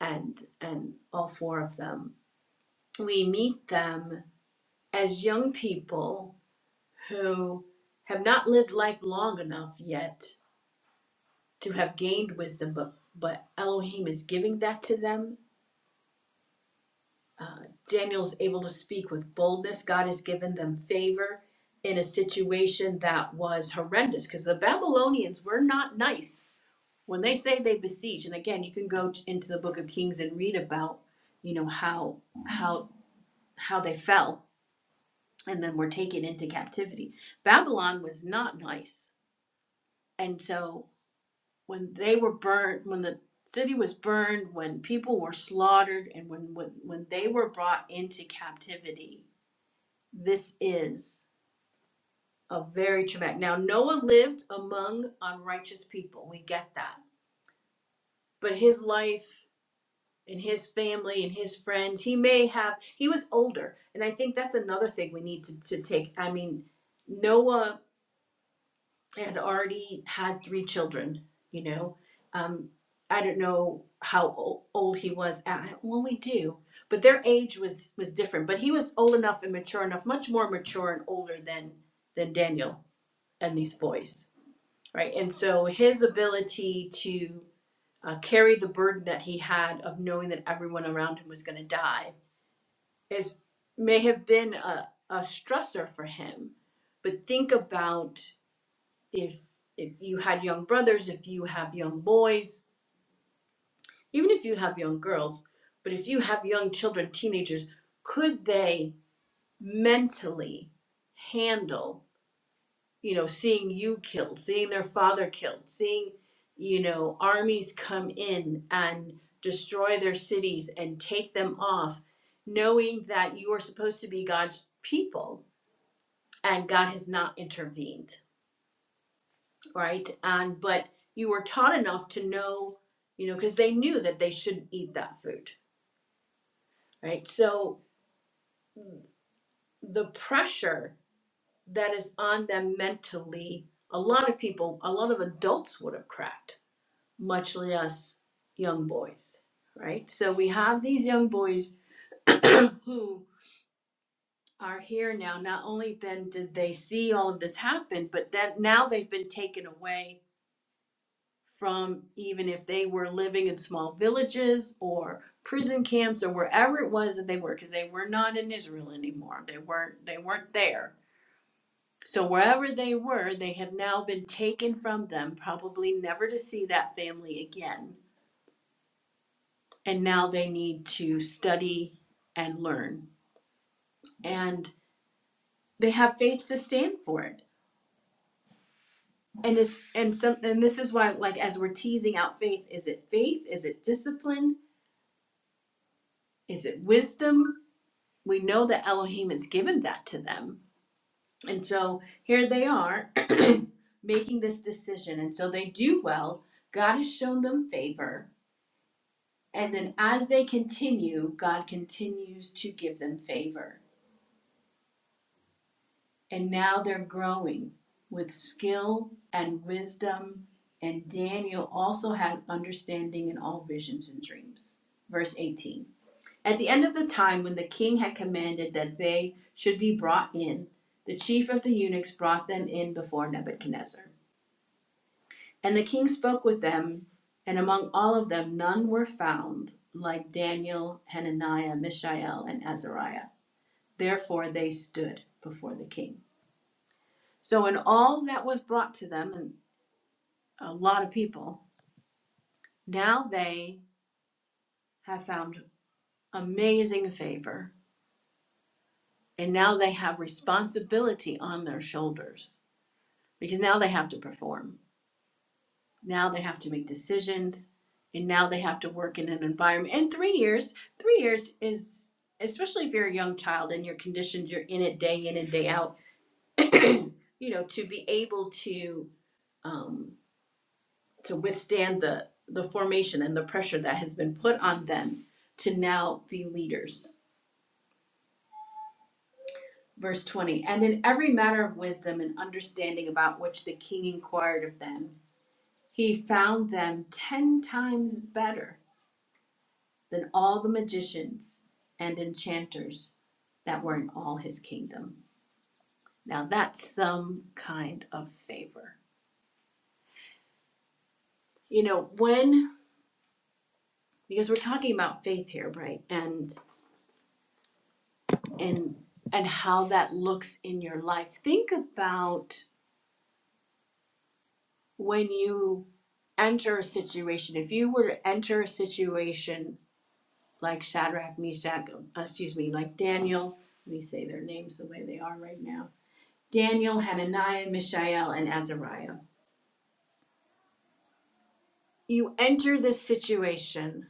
and and all four of them. We meet them as young people who have not lived life long enough yet to have gained wisdom, but but Elohim is giving that to them. Uh, Daniel's able to speak with boldness. God has given them favor in a situation that was horrendous because the Babylonians were not nice when they say they besiege. And again, you can go t- into the Book of Kings and read about you know how how how they fell and then were taken into captivity. Babylon was not nice, and so when they were burned, when the city was burned, when people were slaughtered, and when when, when they were brought into captivity. This is a very traumatic. Now Noah lived among unrighteous people. We get that. But his life and his family and his friends, he may have he was older. And I think that's another thing we need to, to take. I mean, Noah had already had three children, you know. Um, I don't know how old he was at well we do, but their age was was different. But he was old enough and mature enough, much more mature and older than than Daniel and these boys, right? And so his ability to uh, carry the burden that he had of knowing that everyone around him was going to die is may have been a, a stressor for him. But think about if if you had young brothers, if you have young boys, even if you have young girls, but if you have young children, teenagers, could they mentally handle, you know, seeing you killed, seeing their father killed, seeing, you know, armies come in and destroy their cities and take them off, knowing that you are supposed to be God's people and God has not intervened? right? And but you were taught enough to know, you know, because they knew that they shouldn't eat that food, right? So the pressure that is on them mentally, a lot of people, a lot of adults would have cracked, much less young boys, right? So we have these young boys who are here now. Not only then did they see all of this happen, but then now they've been taken away from even if they were living in small villages or prison camps or wherever it was that they were because they were not in Israel anymore they weren't they weren't there so wherever they were they have now been taken from them probably never to see that family again and now they need to study and learn and they have faith to stand for it and is and some and this is why like as we're teasing out faith is it faith is it discipline is it wisdom we know that Elohim has given that to them. And so here they are making this decision. And so they do well. God has shown them favor. And then as they continue, God continues to give them favor. And now they're growing with skill and wisdom. And Daniel also has understanding in all visions and dreams. Verse 18. At the end of the time when the king had commanded that they should be brought in, the chief of the eunuchs brought them in before Nebuchadnezzar. And the king spoke with them, and among all of them none were found like Daniel, Hananiah, Mishael, and Azariah. Therefore they stood before the king. So, in all that was brought to them, and a lot of people, now they have found amazing favor, and now they have responsibility on their shoulders because now they have to perform. Now they have to make decisions and now they have to work in an environment. And 3 years, 3 years is especially if you're a young child and you're conditioned you're in it day in and day out, you know, to be able to um to withstand the the formation and the pressure that has been put on them to now be leaders. Verse 20, and in every matter of wisdom and understanding about which the king inquired of them, he found them ten times better than all the magicians and enchanters that were in all his kingdom. Now that's some kind of favor. You know, when because we're talking about faith here, right? And and and how that looks in your life. Think about when you enter a situation. If you were to enter a situation like Shadrach, Meshach, uh, excuse me, like Daniel, let me say their names the way they are right now. Daniel, Hananiah, Mishael, and Azariah you enter this situation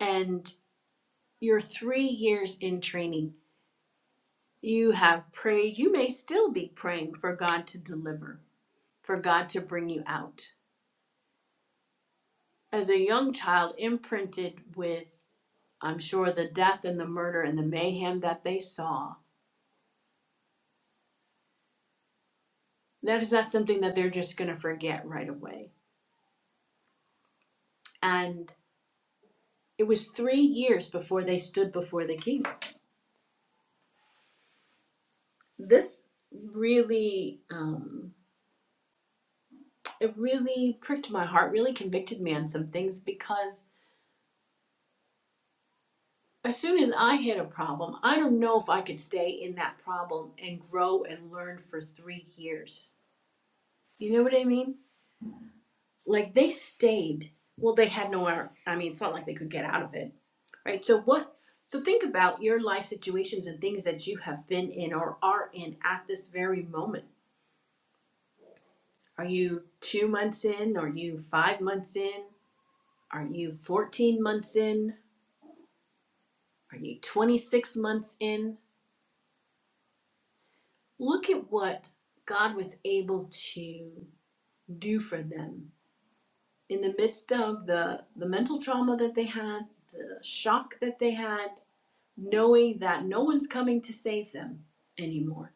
and you're three years in training. You have prayed, you may still be praying for God to deliver, for God to bring you out. As a young child, imprinted with, I'm sure, the death and the murder and the mayhem that they saw, that is not something that they're just going to forget right away. And it was three years before they stood before the king. This really um, it really pricked my heart, really convicted me on some things because as soon as I hit a problem, I don't know if I could stay in that problem and grow and learn for three years. You know what I mean? Like they stayed. Well, they had nowhere. I mean, it's not like they could get out of it, right? So what? So think about your life situations and things that you have been in or are in at this very moment. Are you two months in? Are you five months in? Are you 14 months in? Are you 26 months in? Look at what God was able to do for them in the midst of the, the mental trauma that they had, the shock that they had, knowing that no one's coming to save them anymore.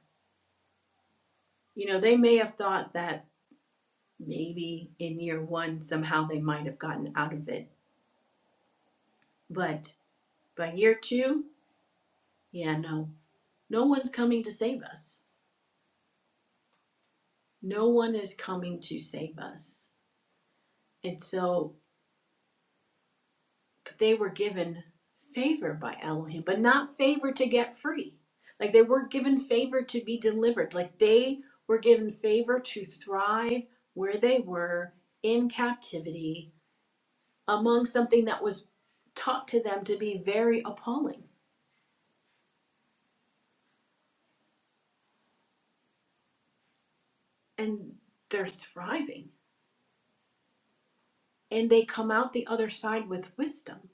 You know, they may have thought that maybe in year one, somehow they might have gotten out of it. But by year two, yeah, no, no one's coming to save us. No one is coming to save us. And so But they were given favor by Elohim, but not favor to get free. Like they weren't given favor to be delivered. Like they were given favor to thrive where they were in captivity among something that was taught to them to be very appalling. And they're thriving. And they come out the other side with wisdom.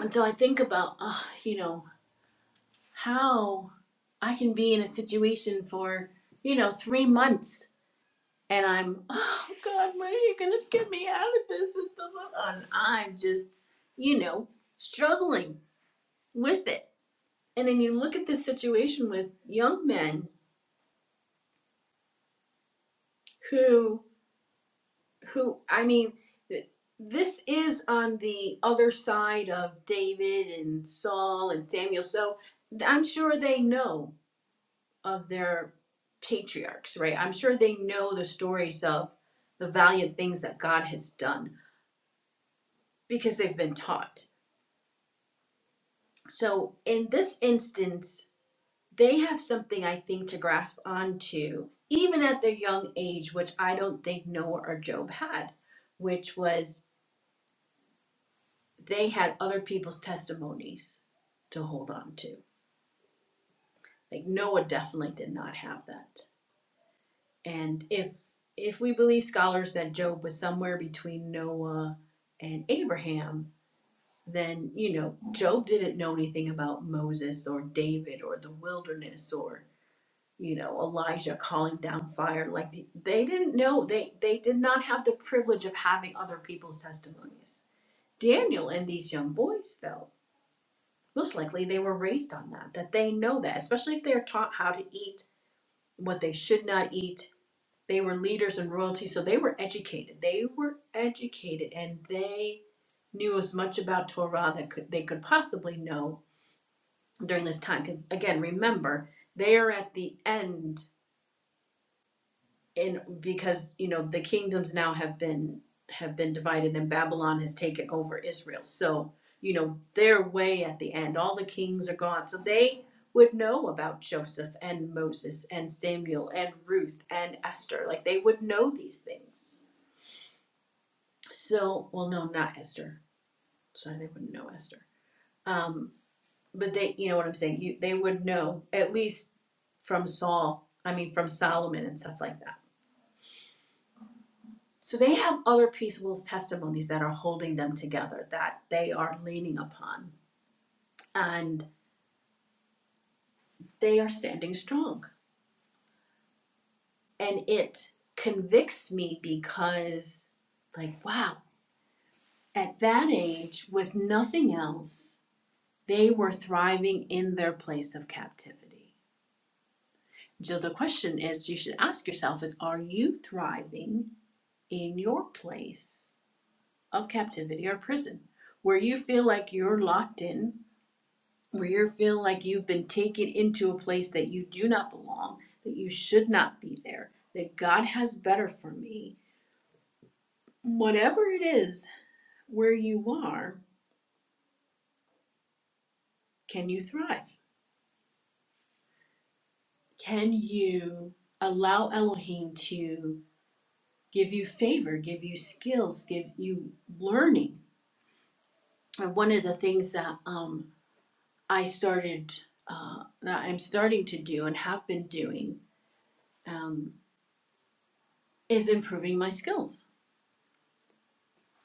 And so I think about, uh, you know, how I can be in a situation for, you know, three months and I'm, oh God, when are you gonna get me out of this? And I'm just, you know, struggling with it. And then you look at this situation with young men who, who, I mean, this is on the other side of David and Saul and Samuel. So I'm sure they know of their patriarchs, right? I'm sure they know the stories of the valiant things that God has done because they've been taught So in this instance, they have something I think to grasp onto, even at their young age, which I don't think Noah or Job had, which was they had other people's testimonies to hold on to. Like Noah definitely did not have that. And if if we believe scholars that Job was somewhere between Noah and Abraham, then you know, Job didn't know anything about Moses or David or the wilderness or you know Elijah calling down fire like they, they didn't know they they did not have the privilege of having other people's testimonies Daniel and these young boys though most likely they were raised on that that they know that especially if they're taught how to eat what they should not eat they were leaders and royalty so they were educated they were educated and they knew as much about Torah that could they could possibly know during this time because again remember they are at the end and because you know the kingdoms now have been have been divided and babylon has taken over israel so you know their way at the end all the kings are gone so they would know about joseph and moses and samuel and ruth and esther like they would know these things so well no not esther sorry they wouldn't know esther um but they you know what i'm saying you they would know at least from saul i mean from solomon and stuff like that So they have other people's testimonies that are holding them together, that they are leaning upon, and they are standing strong. And it convicts me because, like, wow, at that age, with nothing else, they were thriving in their place of captivity. So the question is you should ask yourself is are you thriving in your place of captivity or prison where you feel like you're locked in where you feel like you've been taken into a place that you do not belong, that you should not be there, that God has better for me, whatever it is where you are, can you thrive? Can you allow Elohim to give you favor, give you skills, give you learning? And one of the things that um, I started, uh, that I'm starting to do and have been doing um, is improving my skills,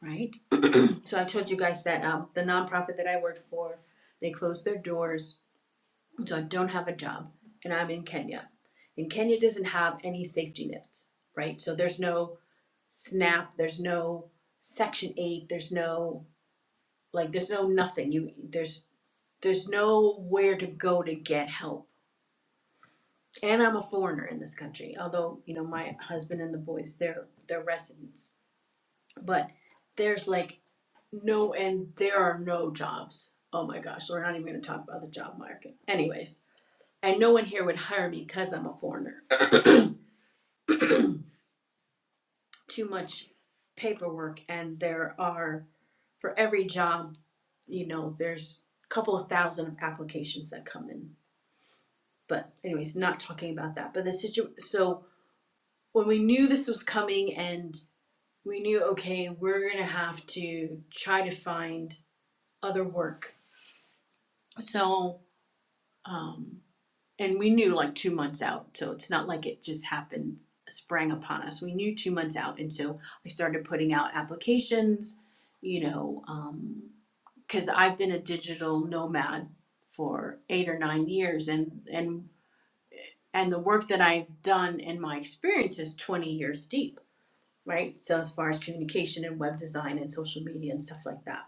right? So I told you guys that um, the nonprofit that I worked for, they closed their doors, so I don't have a job, and I'm in Kenya. And Kenya doesn't have any safety nets, right? So there's no SNAP, there's no Section Eight, there's no like, there's no nothing. You there's there's nowhere to go to get help. And I'm a foreigner in this country, although you know my husband and the boys, they're they're residents, but there's like No, and there are no jobs. Oh my gosh, we're not even going to talk about the job market. Anyways, and no one here would hire me because I'm a foreigner. Too much paperwork, and there are, for every job, you know, there's a couple of thousand of applications that come in. But, anyways, not talking about that. But the situation, so when we knew this was coming and we knew, okay, we're going to have to try to find other work. So, um, and we knew like two months out so it's not like it just happened sprang upon us we knew two months out and so i started putting out applications you know um, because i've been a digital nomad for eight or nine years and and and the work that i've done and my experience is 20 years deep right so as far as communication and web design and social media and stuff like that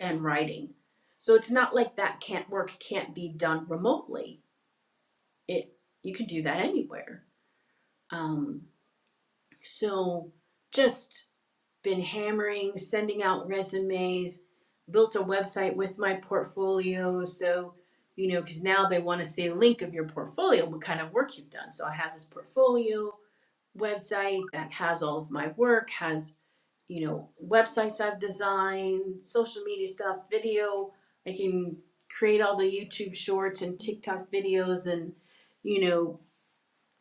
and writing so it's not like that can't work can't be done remotely it you can do that anywhere Um, so just been hammering, sending out resumes, built a website with my portfolio. So, you know, because now they want to see a link of your portfolio, what kind of work you've done. So I have this portfolio website that has all of my work, has, you know, websites I've designed, social media stuff, video. I can create all the YouTube shorts and TikTok videos and, you know,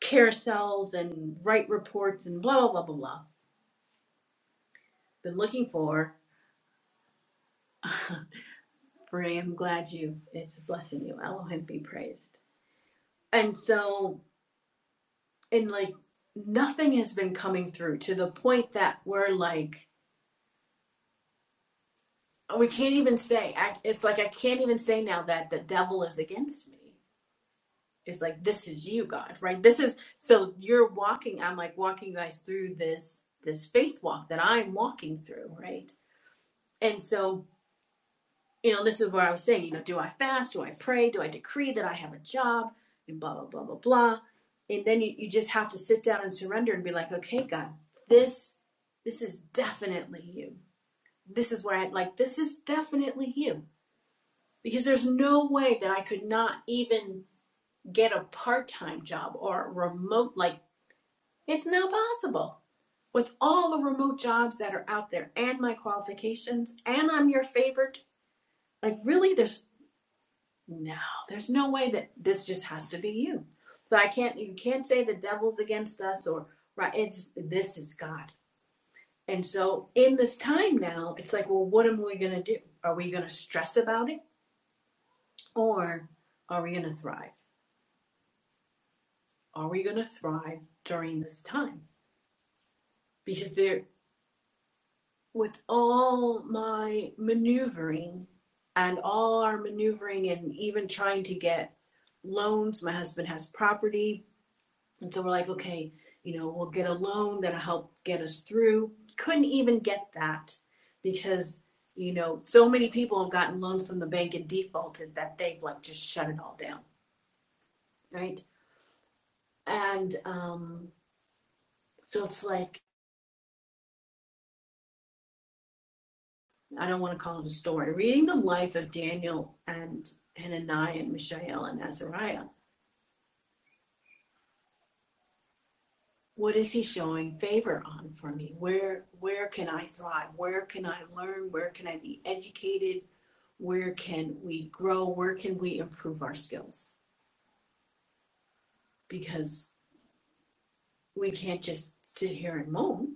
carousels and write reports and blah blah blah blah blah. Been looking for. For I am glad you. It's a blessing you. Elohim be praised. And so, and like nothing has been coming through to the point that we're like we can't even say. I, it's like I can't even say now that the devil is against me. It's like this is you, God, right? This is so you're walking. I'm like walking you guys through this this faith walk that I'm walking through, right? And so you know, this is where I was saying, you know, do I fast? Do I pray? Do I decree that I have a job? And blah, blah, blah, blah, blah. And then you, you just have to sit down and surrender and be like, okay, God, this, this is definitely you. This is where I, like, this is definitely you. Because there's no way that I could not even get a part time job or a remote, like, it's not possible. With all the remote jobs that are out there and my qualifications, and I'm your favorite, like, really, there's No, there's no way that this just has to be you. So I can't, you can't say the devil's against us or, right, it's, this is God. And so in this time now, it's like, well, what am we going to do? Are we going to stress about it or are we going to thrive? Are we going to thrive during this time? Because there, with all my maneuvering and all our maneuvering and even trying to get loans, my husband has property, And so we're like, okay, you know, we'll get a loan that'll help get us through. Couldn't even get that because, you know, so many people have gotten loans from the bank and defaulted that they've like just shut it all down, right? And um, so it's like, I don't want to call it a story. Reading the life of Daniel and Hananiah and Mishael and Azariah, what is he showing favor on for me where where can i thrive where can i learn where can i be educated where can we grow where can we improve our skills because we can't just sit here and moan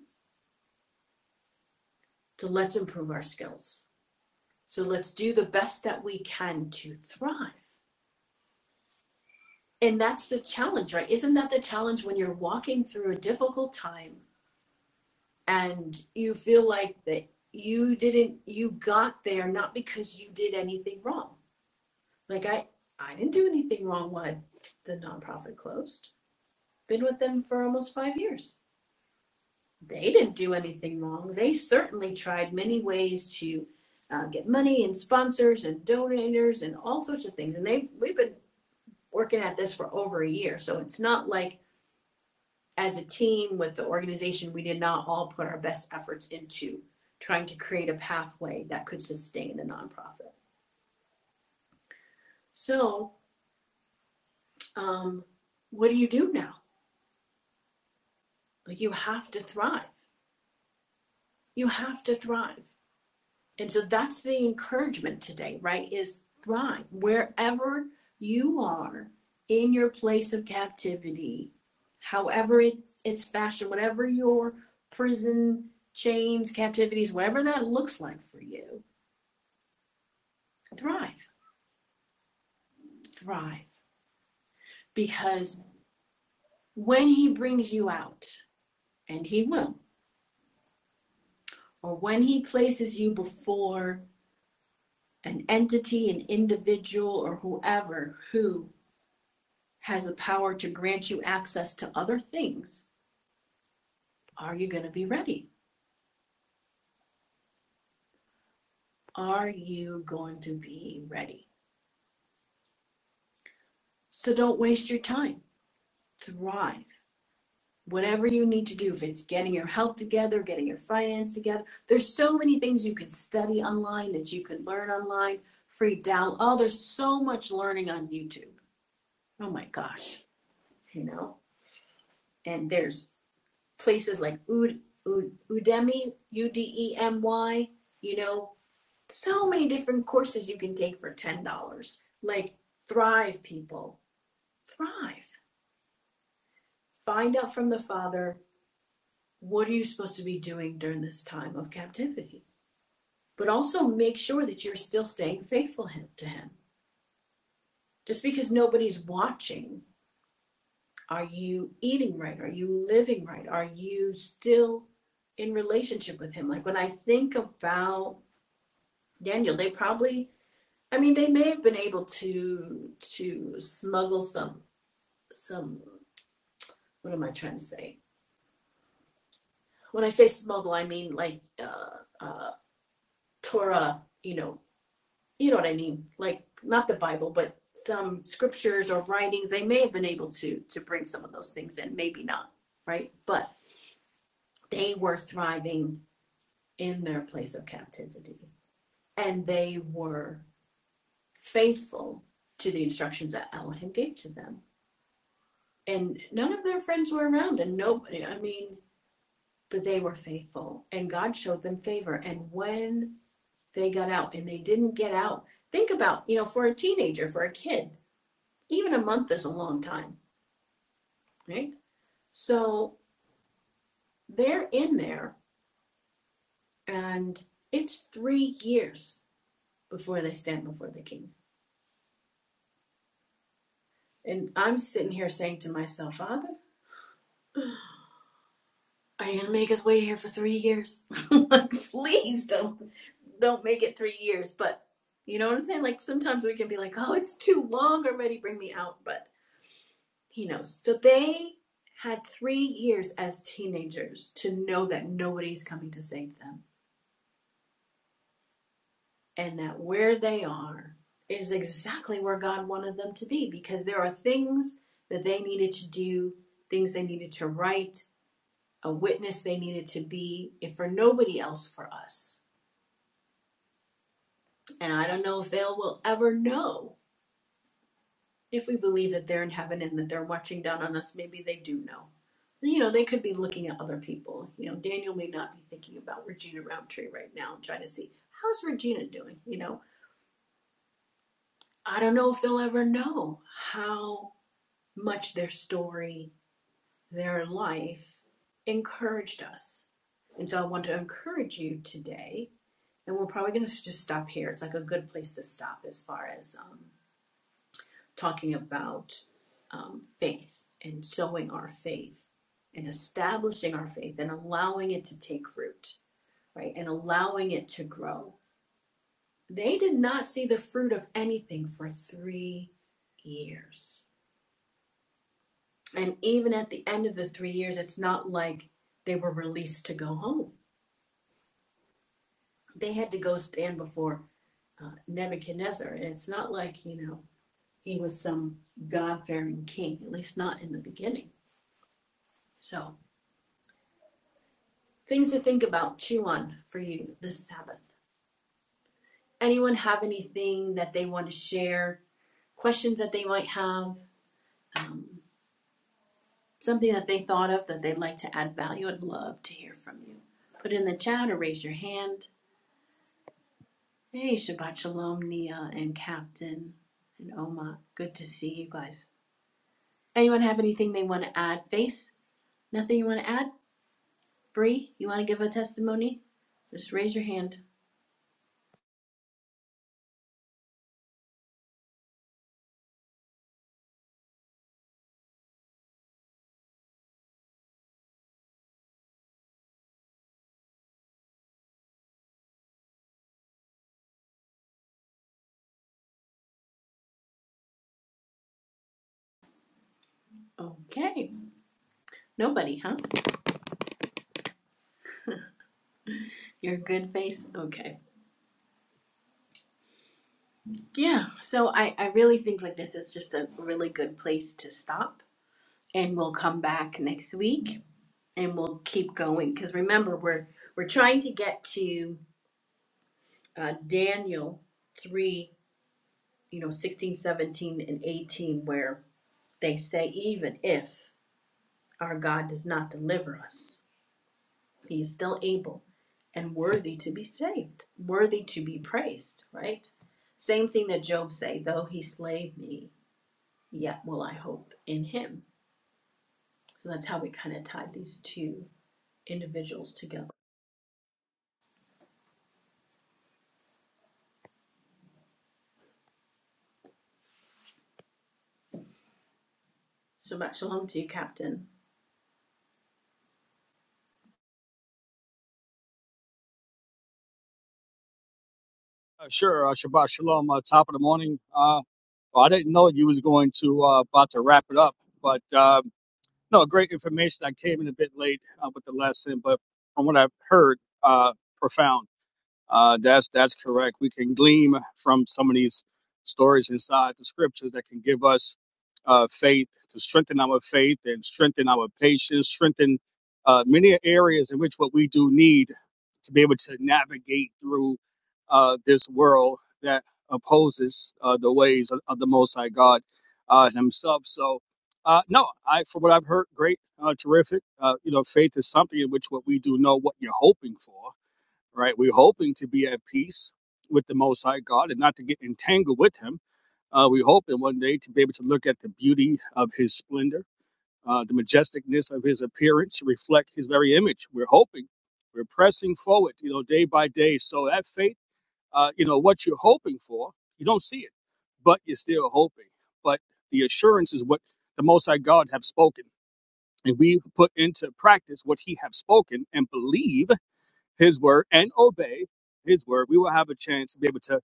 so let's improve our skills so let's do the best that we can to thrive and that's the challenge right isn't that the challenge when you're walking through a difficult time and you feel like that you didn't you got there not because you did anything wrong like i i didn't do anything wrong when the nonprofit closed been with them for almost five years they didn't do anything wrong they certainly tried many ways to uh, get money and sponsors and donors and all sorts of things and they we've been working at this for over a year so it's not like as a team with the organization, we did not all put our best efforts into trying to create a pathway that could sustain the nonprofit. So, um, what do you do now? Like, you have to thrive. You have to thrive. And so that's the encouragement today, right? Is thrive wherever you are in your place of captivity, however it's, it's fashioned, whatever your prison chains, captivities, whatever that looks like for you, thrive. thrive because when he brings you out, and he will, or when he places you before an entity, an individual, or whoever who has the power to grant you access to other things, are you going to be ready? Are you going to be ready? So don't waste your time. Thrive. whatever you need to do, if it's getting your health together, getting your finance together, there's so many things you can study online that you can learn online, free down. Oh, there's so much learning on YouTube. Oh my gosh, you know, and there's places like Ud, Ud, Udemy, U D E M Y, you know, so many different courses you can take for $10. Like thrive people, thrive. Find out from the Father what are you supposed to be doing during this time of captivity? but also make sure that you're still staying faithful to him. Just because nobody's watching, are you eating right? Are you living right? Are you still in relationship with him? Like when I think about Daniel, they probably I mean they may have been able to to smuggle some some what am I trying to say? When I say smuggle, I mean like uh uh Torah, you know, you know what I mean? Like not the Bible, but some scriptures or writings, they may have been able to to bring some of those things in, maybe not, right? But they were thriving in their place of captivity, and they were faithful to the instructions that Elohim gave to them. And none of their friends were around, and nobody. I mean, but they were faithful, and God showed them favor. And when they got out, and they didn't get out, think about you know, for a teenager, for a kid, even a month is a long time, right? So they're in there, and it's three years before they stand before the king. And I'm sitting here saying to myself, Father, are you gonna make us wait here for three years? like, please don't don't make it three years. But you know what I'm saying? Like sometimes we can be like, oh, it's too long already. Bring me out. But he knows. So they had three years as teenagers to know that nobody's coming to save them and that where they are is exactly where God wanted them to be because there are things that they needed to do, things they needed to write, a witness they needed to be, if for nobody else, for us. And I don't know if they will ever know if we believe that they're in heaven and that they're watching down on us. Maybe they do know. You know, they could be looking at other people. You know, Daniel may not be thinking about Regina Roundtree right now, trying to see how's Regina doing. You know, I don't know if they'll ever know how much their story, their life encouraged us. And so I want to encourage you today, and we're probably going to just stop here. It's like a good place to stop as far as um, talking about um, faith and sowing our faith and establishing our faith and allowing it to take root, right? And allowing it to grow. They did not see the fruit of anything for three years. And even at the end of the three years, it's not like they were released to go home. They had to go stand before uh, Nebuchadnezzar. And it's not like, you know, he was some God fearing king, at least not in the beginning. So, things to think about, chew on for you this Sabbath. Anyone have anything that they want to share, questions that they might have, um, something that they thought of that they'd like to add value? I'd love to hear from you. Put it in the chat or raise your hand. Hey, Shabbat Shalom, Nia and Captain and Oma. Good to see you guys. Anyone have anything they want to add? Face, nothing you want to add? Bree, you want to give a testimony? Just raise your hand. Okay. Nobody, huh? You're a good face? Okay. Yeah, so I, I really think like this is just a really good place to stop. And we'll come back next week and we'll keep going. Because remember, we're we're trying to get to uh, Daniel 3 you know, 16, 17, and 18, where they say, even if our God does not deliver us, he is still able and worthy to be saved, worthy to be praised, right? Same thing that Job say, though he slay me, yet will I hope in him. So that's how we kind of tied these two individuals together. So much shalom to you, Captain. Uh, sure, uh, Shabbat Shalom. Uh, top of the morning. Uh, well, I didn't know you was going to uh, about to wrap it up, but um, no, great information. I came in a bit late uh, with the lesson, but from what I've heard, uh, profound. Uh, that's that's correct. We can glean from some of these stories inside the scriptures that can give us uh, faith to strengthen our faith and strengthen our patience, strengthen uh, many areas in which what we do need to be able to navigate through uh, this world that opposes uh, the ways of, of the Most High God uh, Himself. So. Uh, no, I from what I've heard, great, uh, terrific. Uh, you know, faith is something in which what we do know what you're hoping for right? We're hoping to be at peace with the Most High God and not to get entangled with Him. Uh, we hope in one day to be able to look at the beauty of His splendor, uh, the majesticness of His appearance, reflect His very image. We're hoping, we're pressing forward, you know, day by day. So that faith, uh, you know, what you're hoping for, you don't see it, but you're still hoping. But the assurance is what the Most High God have spoken, and we put into practice what He have spoken and believe his word and obey his word, we will have a chance to be able to,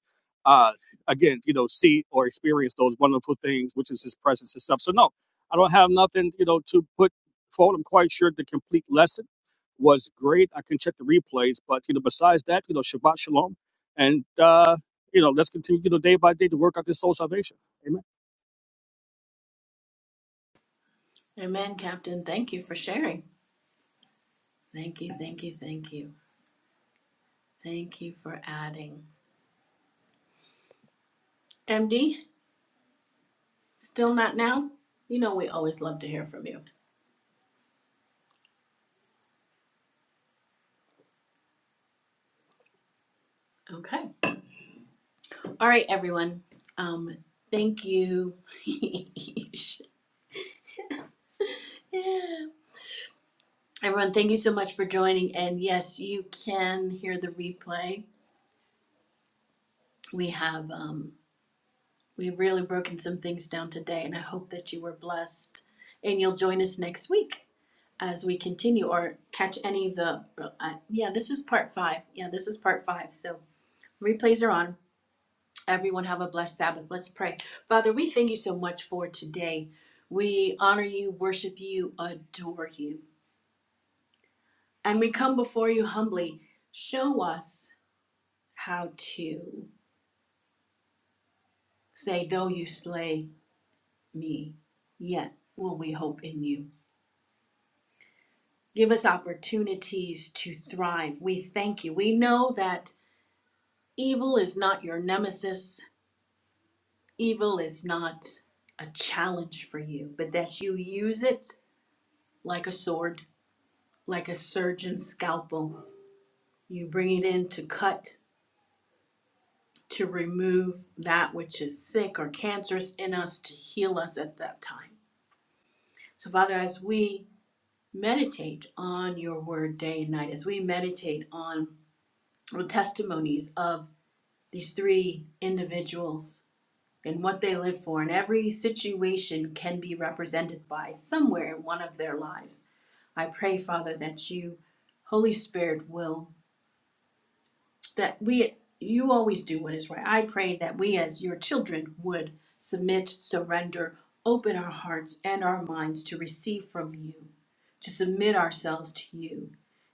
uh, again, you know, see or experience those wonderful things, which is his presence and stuff. So, no, I don't have nothing, you know, to put forward. I'm quite sure the complete lesson was great. I can check the replays, but, you know, besides that, you know, Shabbat Shalom. And, uh, you know, let's continue, you know, day by day to work out this soul salvation. Amen. Amen, Captain. Thank you for sharing. Thank you, thank you, thank you. Thank you for adding. MD, Still not now? You know, we always love to hear from you. Okay. All right, everyone. Um, thank you. Yeah. everyone, thank you so much for joining. And yes, you can hear the replay. We have um, we've really broken some things down today, and I hope that you were blessed. And you'll join us next week as we continue or catch any of the. Uh, yeah, this is part five. Yeah, this is part five. So replays are on. Everyone have a blessed Sabbath. Let's pray. Father, we thank you so much for today. We honor you, worship you, adore you. And we come before you humbly. Show us how to say, Though you slay me, yet will we hope in you. Give us opportunities to thrive. We thank you. We know that evil is not your nemesis, evil is not a challenge for you, but that you use it like a sword like a surgeon's scalpel. You bring it in to cut, to remove that which is sick or cancerous in us, to heal us at that time. So, Father, as we meditate on your word day and night, as we meditate on the testimonies of these three individuals and what they lived for, and every situation can be represented by somewhere in one of their lives, I pray, Father, that you, Holy Spirit, will that we you always do what is right. I pray that we as your children would submit, surrender, open our hearts and our minds to receive from you, to submit ourselves to you,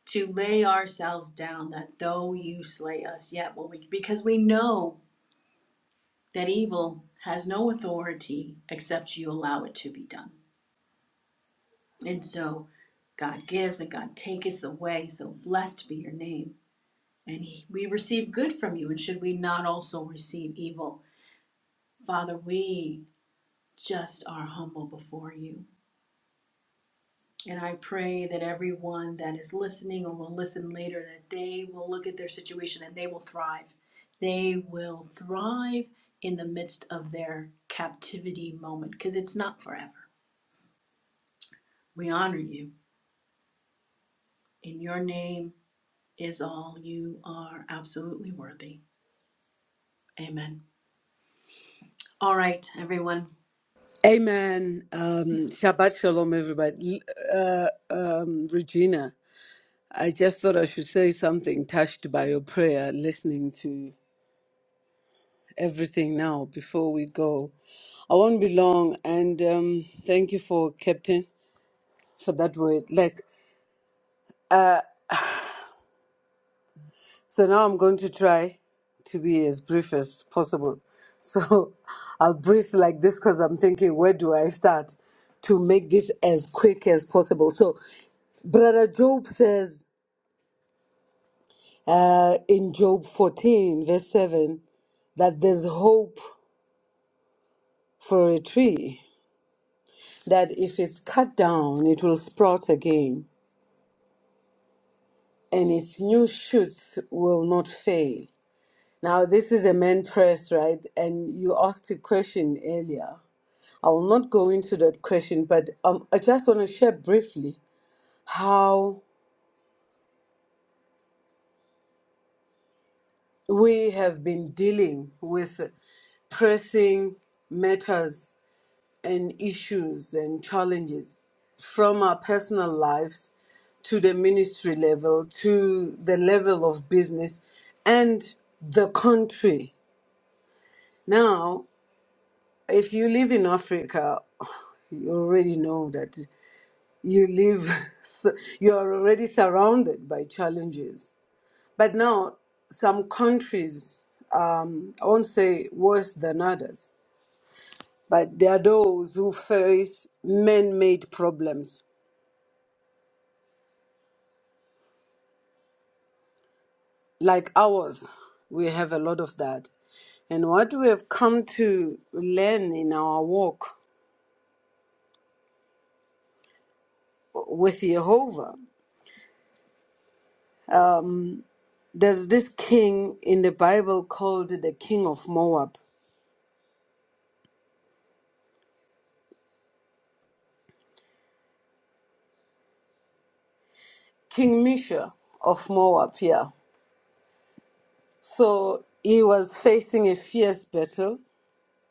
to lay ourselves down that though you slay us yet will we because we know that evil has no authority except you allow it to be done. And so God gives and God taketh away. So blessed be your name. And we receive good from you, and should we not also receive evil? Father, we just are humble before you. And I pray that everyone that is listening or will listen later, that they will look at their situation and they will thrive. They will thrive in the midst of their captivity moment because it's not forever. We honor you. In your name is all. You are absolutely worthy. Amen. All right, everyone. Amen. Um, Shabbat shalom, everybody. Uh, um, Regina, I just thought I should say something touched by your prayer, listening to everything now before we go. I won't be long, and um, thank you for Captain for that word. Like, so now I'm going to try to be as brief as possible. So I'll breathe like this because I'm thinking, where do I start to make this as quick as possible? So Brother Job says. uh, in Job 14, verse 7, that there's hope for a tree, that if it's cut down, it will sprout again, and its new shoots will not fail. Now, this is a man press, right? And you asked a question earlier. I will not go into that question, but um, I just want to share briefly how we have been dealing with pressing matters and issues and challenges from our personal lives to the ministry level to the level of business and the country. Now, if you live in Africa, you already know that you live, you are already surrounded by challenges. But now, some countries, um, I won't say worse than others, but there are those who face man made problems like ours, we have a lot of that. And what we have come to learn in our walk with Jehovah, there's this king in the Bible called the king of Moab, King Misha of Moab, yeah. So he was facing a fierce battle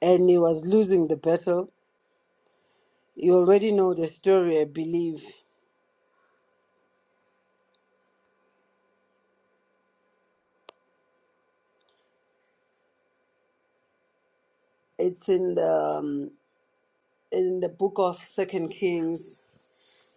and he was losing the battle. You already know the story, I believe. It's in the um, in the book of Second Kings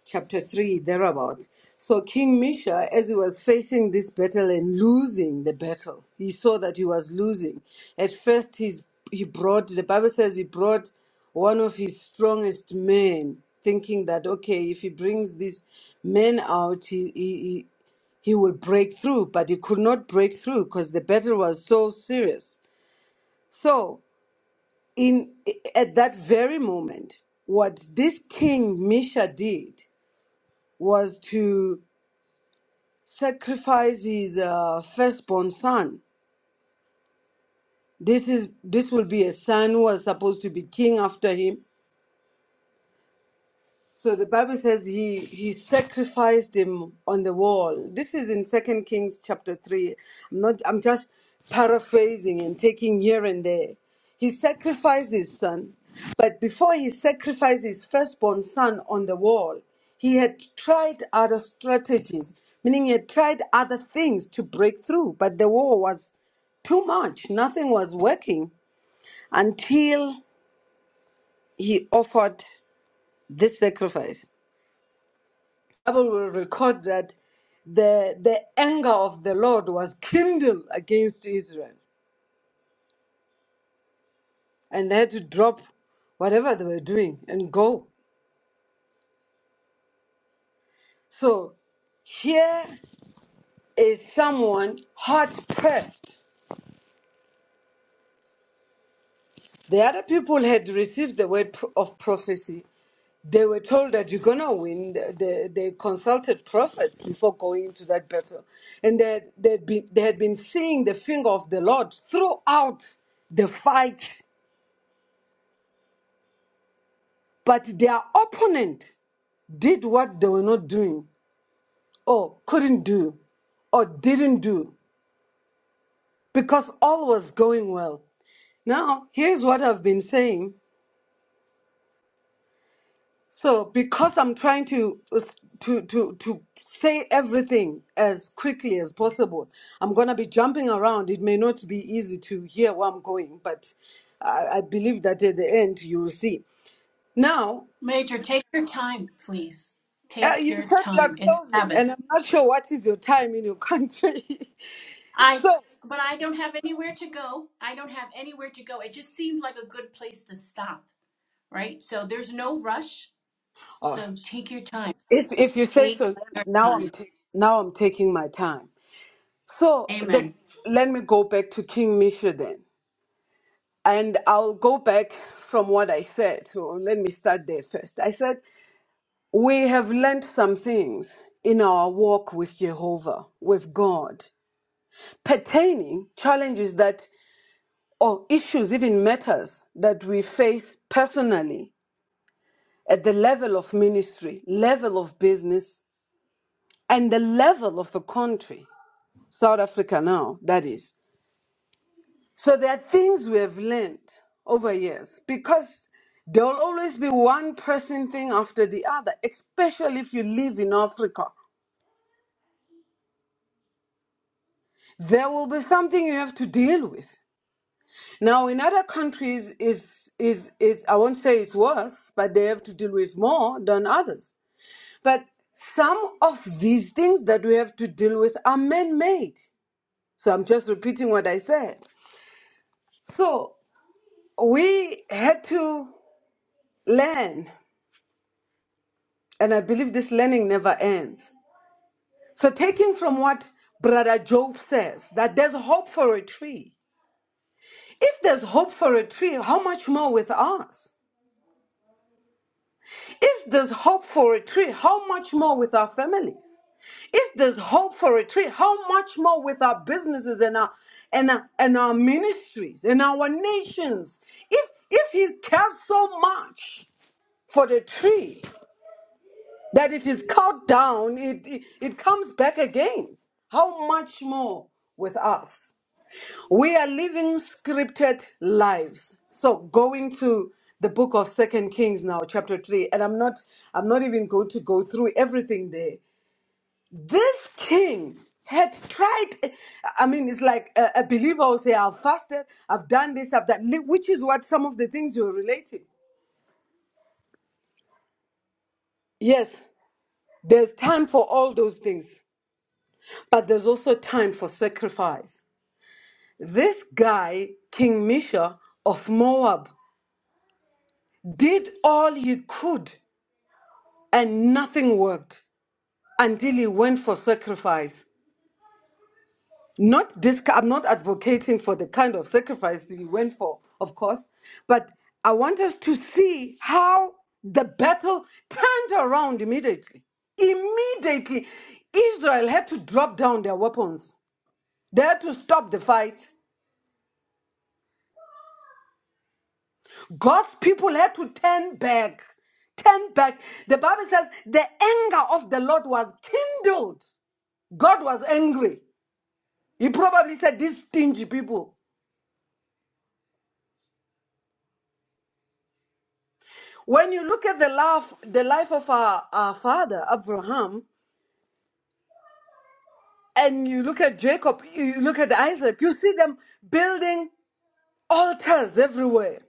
chapter 3, thereabout. So King Misha, as he was facing this battle and losing the battle, he saw that he was losing. At first, he's, he brought, the Bible says he brought one of his strongest men, thinking that, okay, if he brings this man out, he, he, he, he will break through. But he could not break through because the battle was so serious. So, in at that very moment, what this king Misha did was to sacrifice his uh, firstborn son. This is this will be a son who was supposed to be king after him, So the Bible says he he sacrificed him on the wall. This is in Second Kings chapter three. I'm not I'm just paraphrasing and taking here and there. He sacrificed his son, but before he sacrificed his firstborn son on the wall, he had tried other strategies, meaning he had tried other things to break through, but the war was too much. Nothing was working until he offered this sacrifice. Bible will record that the the anger of the Lord was kindled against Israel, and they had to drop whatever they were doing and go. So here is someone hard pressed. The other people had received the word pro- of prophecy. They were told that you're gonna win. They, they consulted prophets before going into that battle, and that they'd been, they had been seeing the finger of the Lord throughout the fight But their opponent did what they were not doing, or couldn't do, or didn't do, because all was going well. Now, here's what I've been saying. So, because I'm trying to uh, to to to say everything as quickly as possible, I'm gonna be jumping around. It may not be easy to hear where I'm going, but I, I believe that at the end you will see. Now, Major, take your time, please. Uh, Take you your said you time. are It's closing, Sabbath. and I'm not sure what is your time in your country. I so, but I don't have anywhere to go. I don't have anywhere to go. It just seemed like a good place to stop, right? So there's no rush. uh, So take your time. if if you say so, Take then your now I'm time. ta- now I'm taking my time. So, the, Amen. let me go back to King Misha then, and I'll go back from what I said. So let me start there first. I said we have learned some things in our walk with Jehovah, with God, pertaining challenges that or issues, even matters that we face personally at the level of ministry, level of business, and the level of the country, South Africa now, that is. So there are things we have learned over years because there will always be one person thing after the other, especially if you live in Africa. There will be something you have to deal with. Now, in other countries, is is is I won't say it's worse, but they have to deal with more than others. But some of these things that we have to deal with are man made. So I'm just repeating what I said. So we had to learn, and I believe this learning never ends. So, taking from what Brother Job says, that there's hope for a tree. If there's hope for a tree, how much more with us? If there's hope for retreat, how much more with our families? If there's hope for retreat, how much more with our businesses and our and our, and our ministries and our nations? If if he cares so much for the tree that if it's cut down, it, it it comes back again. How much more with us? We are living scripted lives. So going to the book of Second Kings now, chapter three, and I'm not I'm not even going to go through everything there. This king had tried I mean it's like a, a believer will say, I've fasted, I've done this, I've done which is what some of the things you're relating. Yes, there's time for all those things, but there's also time for sacrifice. This guy, King Misha of Moab, did all he could and nothing worked until he went for sacrifice. Not this, I'm not advocating for the kind of sacrifice he went for, of course, but I want us to see how the battle turned around immediately. Immediately, Israel had to drop down their weapons. They had to stop the fight. God's people had to turn back. Turn back. The Bible says the anger of the Lord was kindled. God was angry. You probably said these stingy people. When you look at the life, the life of our, our father Abraham, and you look at Jacob, you look at Isaac, you see them building altars everywhere,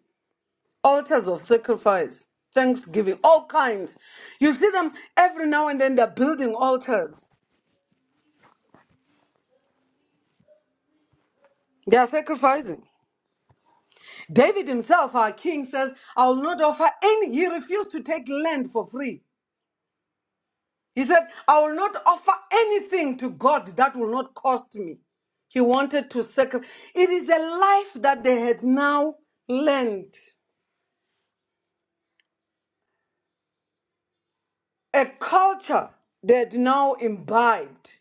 altars of sacrifice, thanksgiving, all kinds. You see them every now and then. They're building altars. They are sacrificing. David himself, our king, says, "I will not offer any." He refused to take land for free. He said, I will not offer anything to God that will not cost me. He wanted to sacrifice. It is a life that they had now learned, a culture they had now imbibed.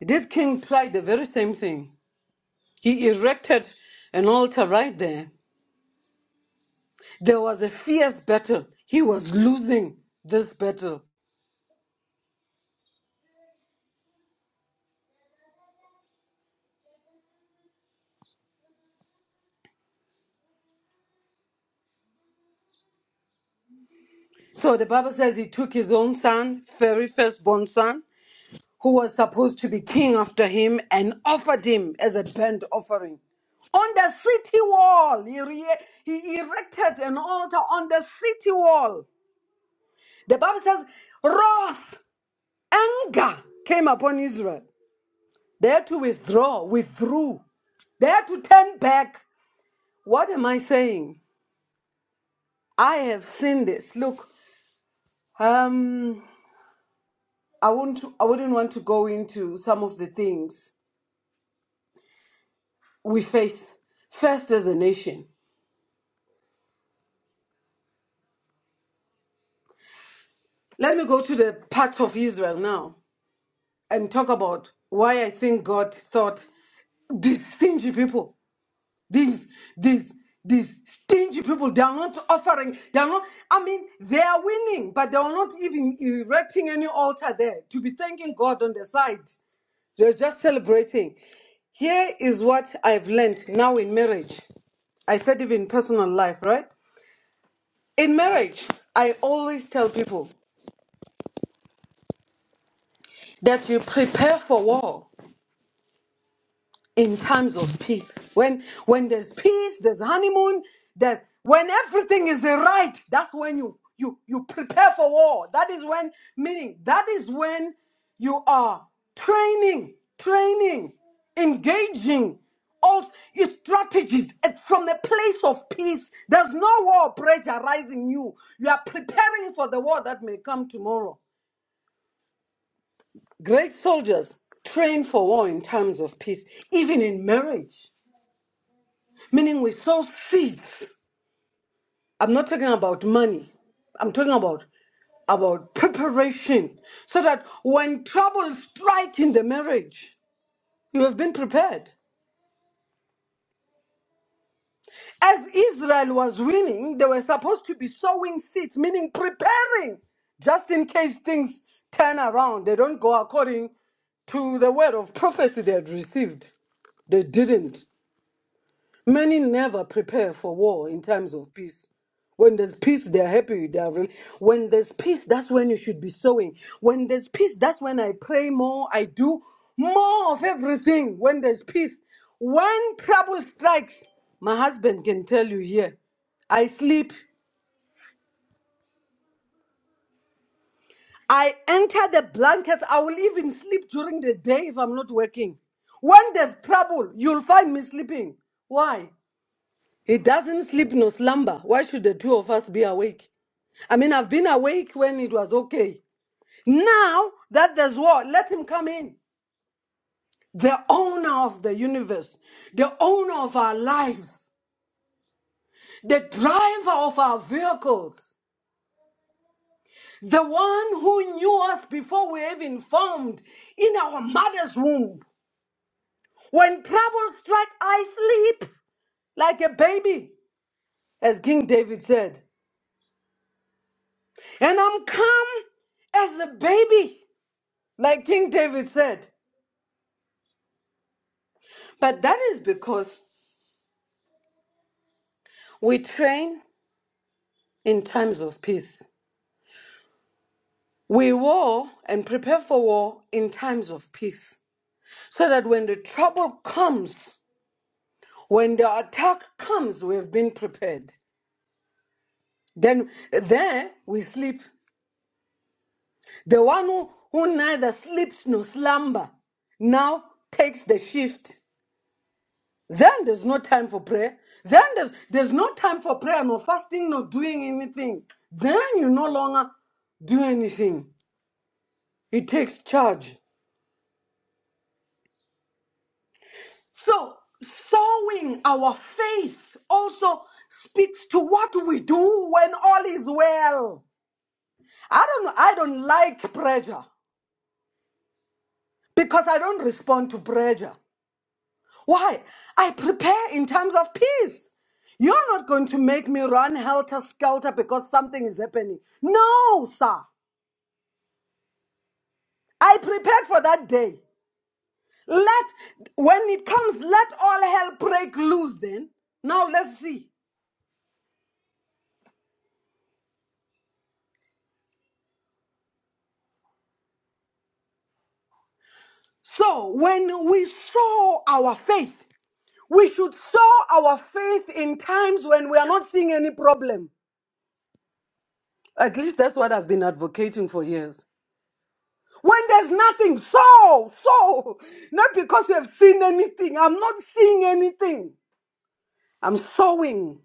This king tried the very same thing. He erected an altar right there. There was a fierce battle. He was losing this battle. So the Bible says he took his own son, very firstborn son. who was supposed to be king after him and offered him as a burnt offering. On the city wall, he, re- he erected an altar on the city wall. The Bible says, wrath, anger came upon Israel. They had to withdraw, withdrew. They had to turn back. What am I saying? I have seen this. Look, um, I won't. I wouldn't want to go into some of the things we face first as a nation. Let me go to the part of Israel now and talk about why I think God thought these stingy people, these these these stingy people, they are not offering, they are not, I mean, they are winning, but they are not even erecting any altar there to be thanking God on the side. They're just celebrating. Here is what I've learned now in marriage. I said even personal life, right? In marriage, I always tell people that you prepare for war. in times of peace. When when there's peace, there's honeymoon, there's when everything is the right, that's when you you you prepare for war. That is when meaning that is when you are training, training, engaging all your strategies at- from the place of peace. There's no war pressure rising you. You are preparing for the war that may come tomorrow. Great soldiers train for war in times of peace, even in marriage. Meaning we sow seeds. I'm not talking about money. I'm talking about about preparation. So that when trouble strike in the marriage, you have been prepared. As Israel was winning, they were supposed to be sowing seeds, meaning preparing, just in case things turn around. They don't go according to the word of prophecy they had received. They didn't. Many never prepare for war in times of peace. When there's peace, they're happy with their rel- When there's peace, that's when you should be sowing. When there's peace, that's when I pray more, I do more of everything. When there's peace, when trouble strikes, my husband can tell you here, I sleep. I enter the blankets. I will even sleep during the day if I'm not working. When there's trouble, you'll find me sleeping. Why? He doesn't sleep nor slumber. Why should the two of us be awake? I mean, I've been awake when it was okay. Now that there's war, let him come in. The owner of the universe, the owner of our lives, the driver of our vehicles, the one who knew us before we even formed in our mother's womb. When trouble strike, I sleep like a baby, as King David said. And I'm calm as a baby. like King David said. But that is because we train in times of peace. We war and prepare for war in times of peace. So that when the trouble comes, when the attack comes, we have been prepared. Then there we sleep. The one who, who neither sleeps nor slumber now takes the shift. Then there's no time for prayer. Then there's, there's no time for prayer, no fasting, no doing anything. Then you no longer do anything. It takes charge. So, sowing our faith also speaks to what we do when all is well. I don't, I don't like pressure because I don't respond to pressure. Why? I prepare in times of peace. You're not going to make me run helter skelter because something is happening. No, sir. I prepared for that day. Let, when it comes, let all hell break loose then. Now let's see. So, when we sow our faith, we should sow our faith in times when we are not seeing any problem. At least that's what I've been advocating for years. When there's nothing, so, so, not because we have seen anything. I'm not seeing anything. I'm sowing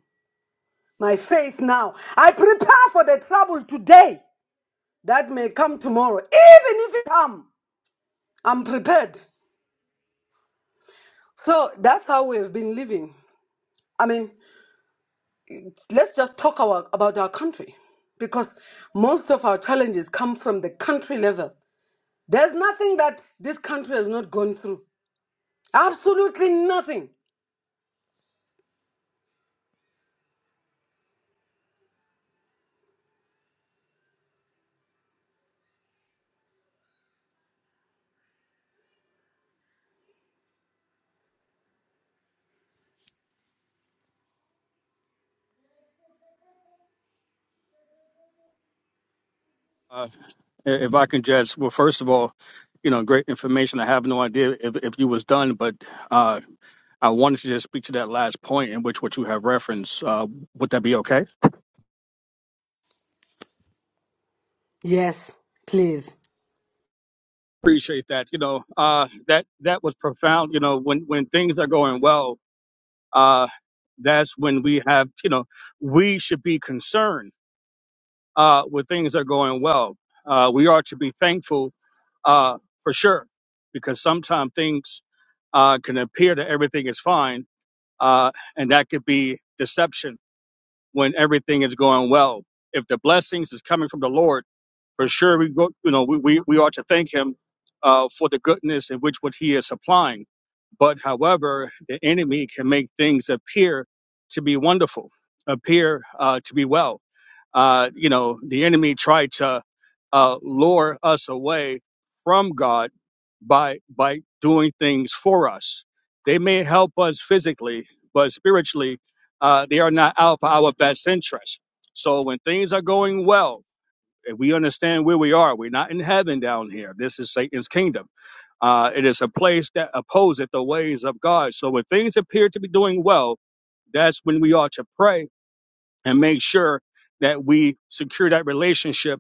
my faith now. I prepare for the trouble today that may come tomorrow. Even if it come, I'm prepared. So that's how we have been living. I mean, let's just talk our, about our country because most of our challenges come from the country level. There's nothing that this country has not gone through. Absolutely nothing. Uh, if I can judge, well, first of all, you know, great information. I have no idea if, if you was done, but uh, I wanted to just speak to that last point in which what you have referenced. Uh, would that be okay? Yes, please. Appreciate that. You know, uh, that that was profound. You know, when when things are going well, uh, that's when we have. You know, we should be concerned uh, when things are going well. Uh, we are to be thankful uh, for sure, because sometimes things uh, can appear that everything is fine, uh, and that could be deception when everything is going well. If the blessings is coming from the Lord for sure we go you know we, we, we ought to thank him uh, for the goodness in which what he is supplying but however the enemy can make things appear to be wonderful appear uh, to be well uh, you know the enemy tried to uh, lure us away from god by by doing things for us they may help us physically but spiritually uh, they are not out for our best interest so when things are going well if we understand where we are, we're not in heaven down here. This is Satan's kingdom. Uh, it is a place that opposeth the ways of God. So when things appear to be doing well, that's when we ought to pray and make sure that we secure that relationship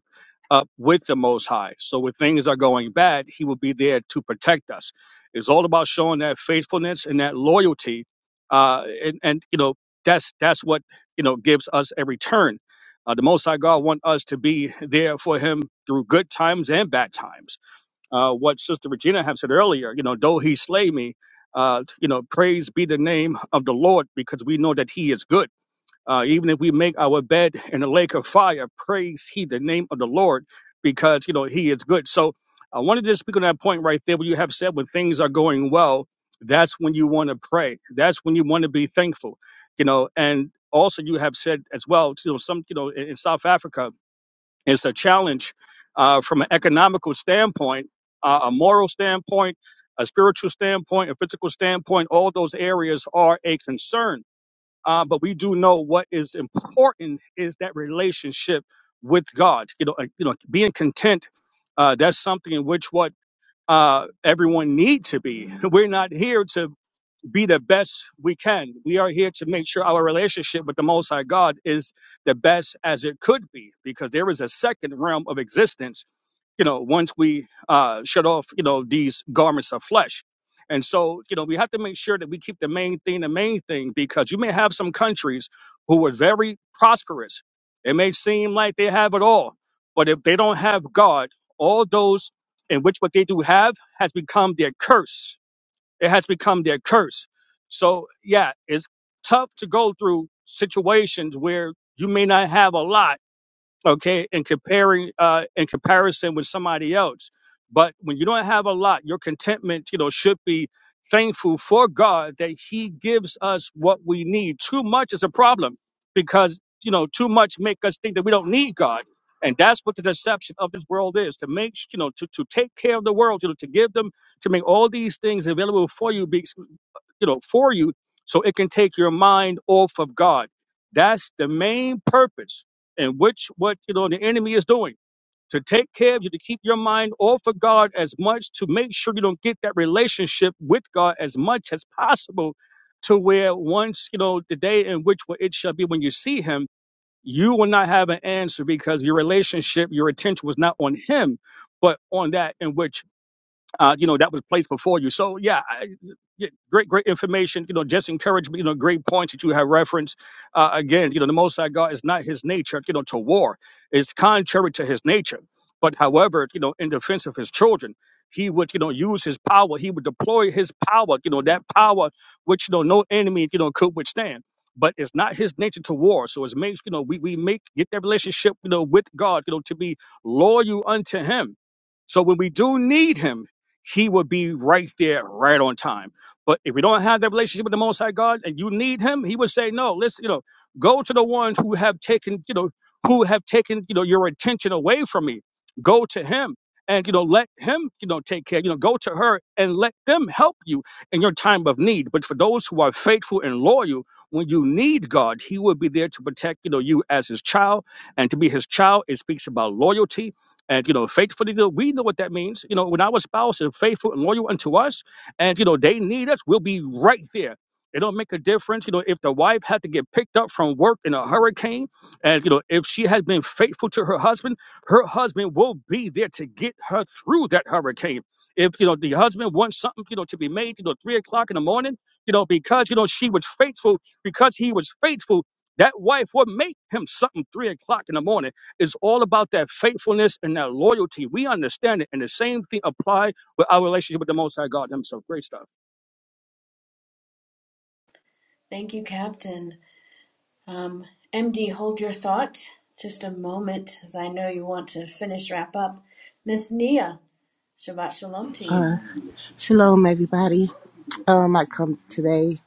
up with the Most High. So when things are going bad, He will be there to protect us. It's all about showing that faithfulness and that loyalty, uh, and, and you know that's that's what you know gives us a return. Uh, the Most High God want us to be there for Him through good times and bad times. Uh, what Sister Regina had said earlier, you know, though He slay me, uh, you know, praise be the name of the Lord because we know that He is good uh, even if we make our bed in the lake of fire, praise he the name of the Lord because, you know, he is good. So I wanted to speak on that point right there. What you have said when things are going well, that's when you want to pray. That's when you want to be thankful, you know, and also you have said as well, you know, some, you know, in, in South Africa, it's a challenge uh, from an economical standpoint, uh, a moral standpoint, a spiritual standpoint, a physical standpoint. All those areas are a concern uh, but we do know what is important is that relationship with God. You know, uh, you know, being content. Uh, that's something in which what uh, everyone need to be. We're not here to be the best we can. We are here to make sure our relationship with the Most High God is the best as it could be, because there is a second realm of existence you know, once we uh, shut off, you know, these garments of flesh. And so, you know, we have to make sure that we keep the main thing the main thing because you may have some countries who are very prosperous. It may seem like they have it all, but if they don't have God, all those in which what they do have has become their curse. It has become their curse. So, yeah, it's tough to go through situations where you may not have a lot okay, and comparing uh, in comparison with somebody else. But when you don't have a lot, your contentment, you know, should be thankful for God that He gives us what we need. Too much is a problem because you know too much make us think that we don't need God, and that's what the deception of this world is to make you know to to take care of the world, you know, to give them to make all these things available for you, be, you know, for you, so it can take your mind off of God. That's the main purpose and which what you know the enemy is doing to take care of you to keep your mind off of god as much to make sure you don't get that relationship with god as much as possible to where once you know the day in which it shall be when you see him you will not have an answer because your relationship your attention was not on him but on that in which uh, you know, that was placed before you. So yeah, I, yeah, great, great information. You know, just encourage You know, great points that you have referenced. Uh, again, you know, the Most High God is not His nature. You know, to war It's contrary to His nature. But however, you know, in defense of His children, He would you know use His power. He would deploy His power. You know, that power which you know no enemy you know could withstand. But it's not his nature to war. So it's makes, you know, we, we make get that relationship, you know, with God, you know, to be loyal unto him. So when we do need him, he would be right there, right on time. But if we don't have that relationship with the Most High God and you need Him, He would say, "No, listen, you know, go to the ones who have taken, you know, who have taken, you know, your attention away from me. Go to Him." And you know, let him, you know, take care. You know, go to her and let them help you in your time of need. But for those who are faithful and loyal, when you need God, He will be there to protect, you know, you as His child. And to be His child, it speaks about loyalty and you know, faithfully, you know, we know what that means. You know, when our spouse is faithful and loyal unto us, and you know, they need us, we'll be right there. It don't make a difference, you know, if the wife had to get picked up from work in a hurricane, and you know, if she has been faithful to her husband, her husband will be there to get her through that hurricane. If you know the husband wants something, you know, to be made, you know, three o'clock in the morning, you know, because you know she was faithful, because he was faithful, that wife will make him something three o'clock in the morning it's all about that faithfulness and that loyalty. We understand it. And the same thing apply with our relationship with the Most High God Himself. Great stuff. Thank you, Captain. Um, MD, hold your thought just a moment, as I know you want to finish wrap up. Miss Nia, Shabbat Shalom to you. Shalom, everybody. Um, I come today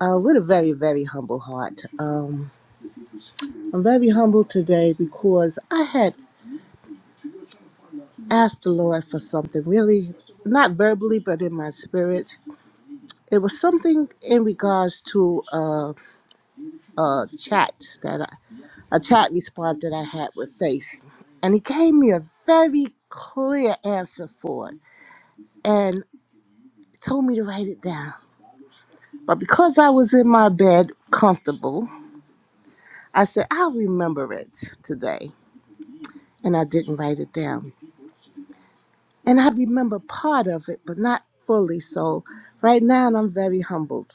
uh, with a very, very humble heart. Um, I'm very humble today because I had asked the Lord for something really, not verbally, but in my spirit. It was something in regards to uh, a chat that I, a chat response that I had with Face, and He gave me a very clear answer for it, and told me to write it down. But because I was in my bed, comfortable. I said, I'll remember it today. And I didn't write it down. And I remember part of it, but not fully. So right now I'm very humbled.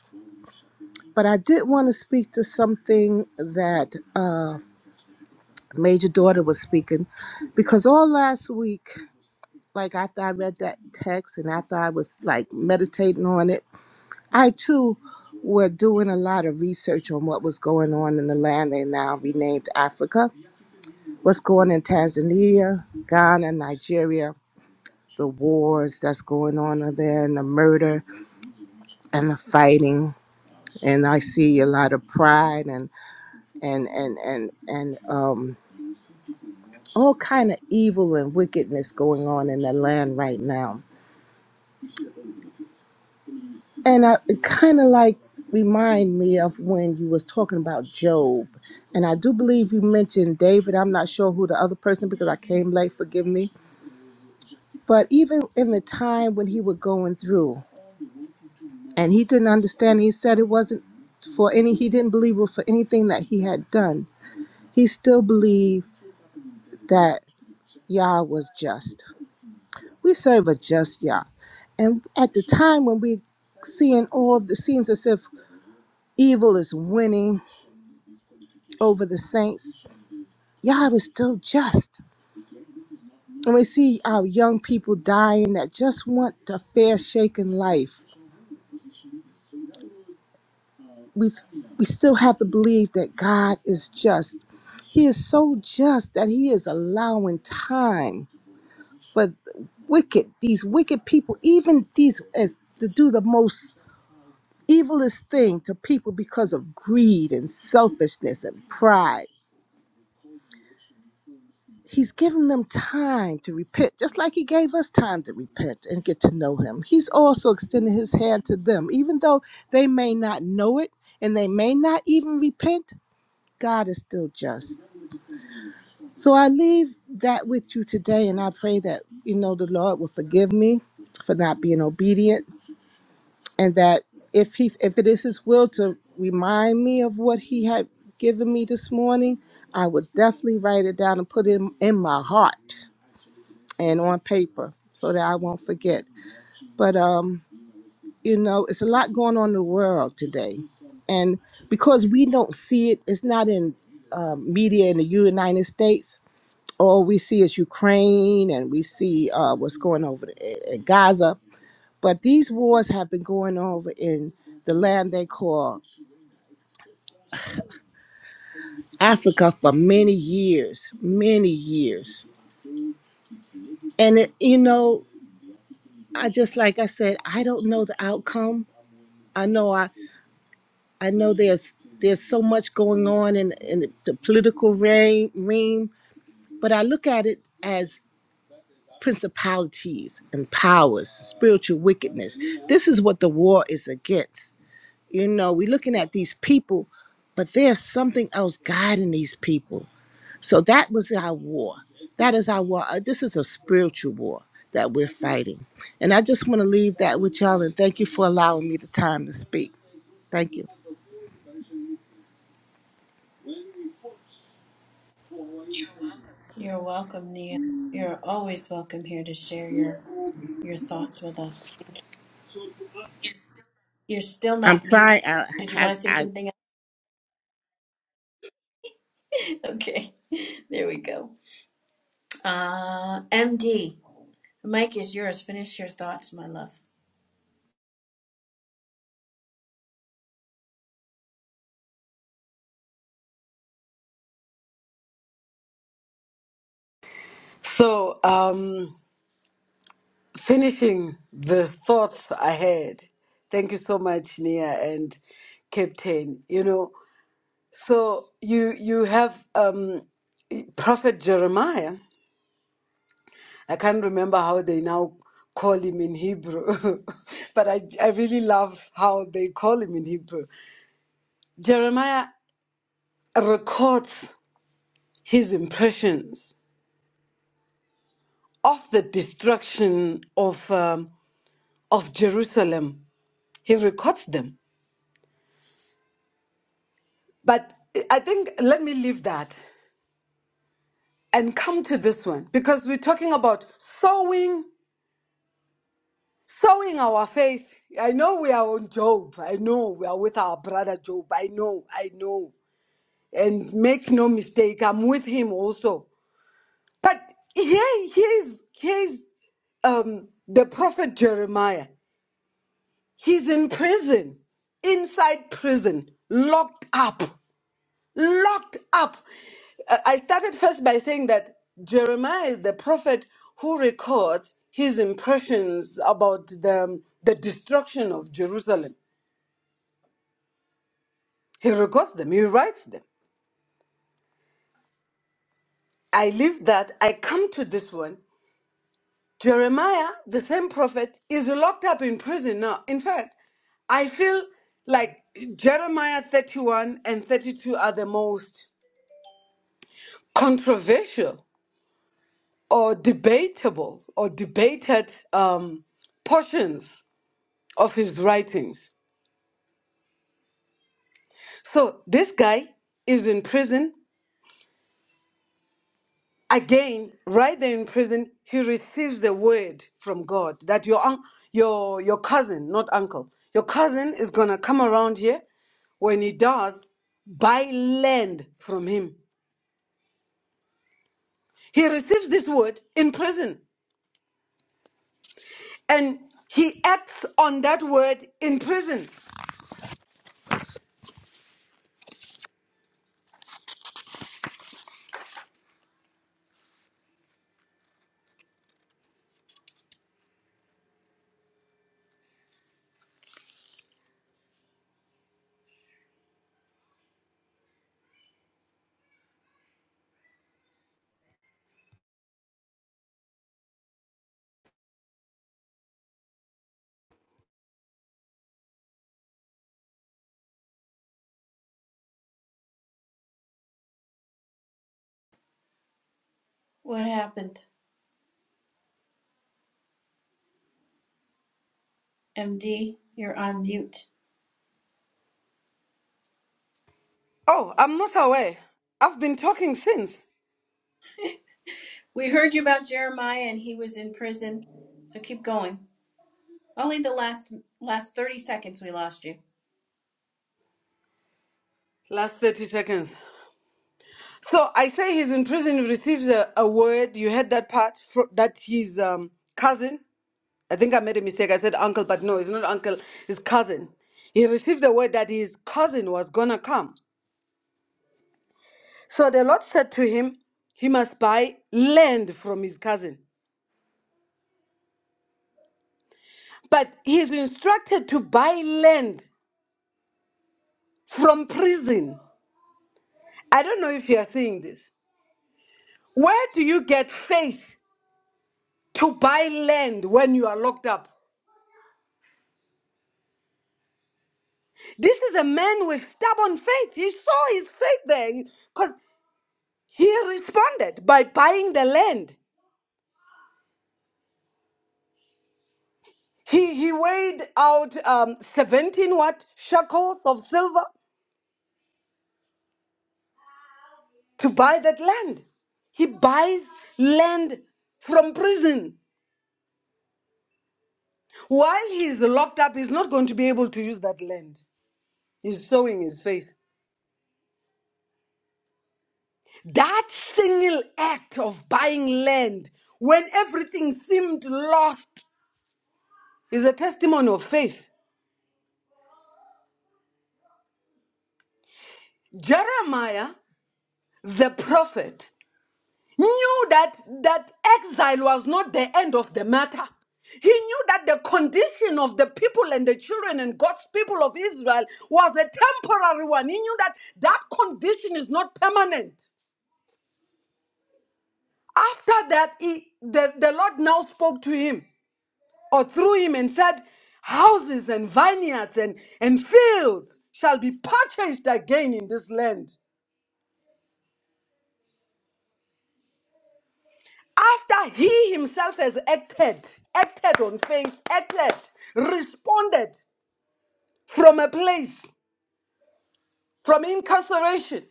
But I did want to speak to something that uh, Major Daughter was speaking because all last week, like after I read that text and after I was like meditating on it, I too were doing a lot of research on what was going on in the land they now renamed Africa what's going in Tanzania, Ghana, Nigeria, the wars that's going on over there and the murder and the fighting. And I see a lot of pride and and and and and um all kind of evil and wickedness going on in the land right now. And I, it kind of like remind me of when you was talking about Job. And I do believe you mentioned David. I'm not sure who the other person because I came late, forgive me. But even in the time when he was going through, and he didn't understand. He said it wasn't for any, he didn't believe it for anything that he had done. He still believed that Yah was just. We serve a just Yah. And at the time when we seeing all of the seems as if evil is winning over the saints, Yah is still just. And we see our young people dying that just want a fair shaken life we we still have to believe that God is just. He is so just that he is allowing time for the wicked these wicked people, even these as to do the most evilest thing to people because of greed and selfishness and pride. He's giving them time to repent, just like he gave us time to repent and get to know him. He's also extending his hand to them, even though they may not know it and they may not even repent. God is still just. So I leave that with you today, and I pray that you know the Lord will forgive me for not being obedient, and that if he if it is His will to remind me of what He had given me this morning, I would definitely write it down and put it in, in my heart and on paper so that I won't forget. But um, you know, it's a lot going on in the world today, and because we don't see it, it's not in um, media in the United States all we see is Ukraine and we see uh, what's going over i- in Gaza. But these wars have been going over in the land they call Africa for many years, many years. And it, you know, I just like I said, I don't know the outcome. I know I I know there's there's so much going on in in the, the political reign, reign, but I look at it as principalities and powers, spiritual wickedness. This is what the war is against You know, we're looking at these people, but there's something else guiding these people. So that was our war. That is our war. Uh, This is a spiritual war that we're fighting. And I just want to leave that with y'all and thank you for allowing me the time to speak. Thank you. You're welcome, Nia. You're always welcome here to share your your thoughts with us. Thank you. You're still I'm not muted. trying. I, Did you I, want to say I something? Okay, there we go. Uh, MD, the mic is yours. Finish your thoughts, my love. So, um, finishing the thoughts I had, thank you so much, Nia and Captain. You know, so you you have um, Prophet Jeremiah. I can't remember how they now call him in Hebrew, but I I really love how they call him in Hebrew. Jeremiah records his impressions of the destruction of um, of Jerusalem. He records them But I think let me leave that and come to this one because we're talking about sowing, sowing our faith. I know we are on Job. I know we are with our brother Job. I know, I know. And make no mistake, I'm with him also. But here, here's, here's um, the prophet Jeremiah. He's in prison, inside prison, locked up. locked up. Uh, I started first by saying that Jeremiah is the prophet who records his impressions about the, um, the destruction of Jerusalem. He records them, he writes them. I leave that, I come to this one. Jeremiah, the same prophet, is locked up in prison now. In fact, I feel like Jeremiah 31 and 32 are the most controversial or debatable or debated um, portions of his writings. So this guy is in prison. Again, right there in prison, he receives the word from God that your un- your your cousin, not uncle, your cousin is gonna come around here. When he does, buy land from him. He receives this word in prison, and he acts on that word in prison. What happened? MD, you're on mute. Oh, I'm not aware. I've been talking since We heard you about Jeremiah and he was in prison. So keep going. Only the last last 30 seconds we lost you. last 30 seconds. So I say he's in prison, he receives a, a word. You heard that part fro- that his um, cousin, I think I made a mistake. I said uncle, but no, it's not uncle, it's cousin. He received the word that his cousin was going to come. So the Lord said to him, he must buy land from his cousin. But he's instructed to buy land from prison. I don't know if you are seeing this. Where do you get faith to buy land when you are locked up. This is a man with stubborn faith. He saw his faith there because he responded by buying the land. He, he weighed out um, 17 what shekels of silver to buy that land. He buys land from prison. While he's locked up, he's not going to be able to use that land. He's sowing his faith. That single act of buying land when everything seemed lost is a testimony of faith. Jeremiah, the prophet, knew that, that exile was not the end of the matter. He knew that the condition of the people and the children and God's people of Israel was a temporary one. He knew that that condition is not permanent. After that, he, the, the Lord now spoke to him. or through him and said, Houses and vineyards and, and fields shall be purchased again in this land. After he himself has acted, acted on faith, acted, responded from a place, from incarceration,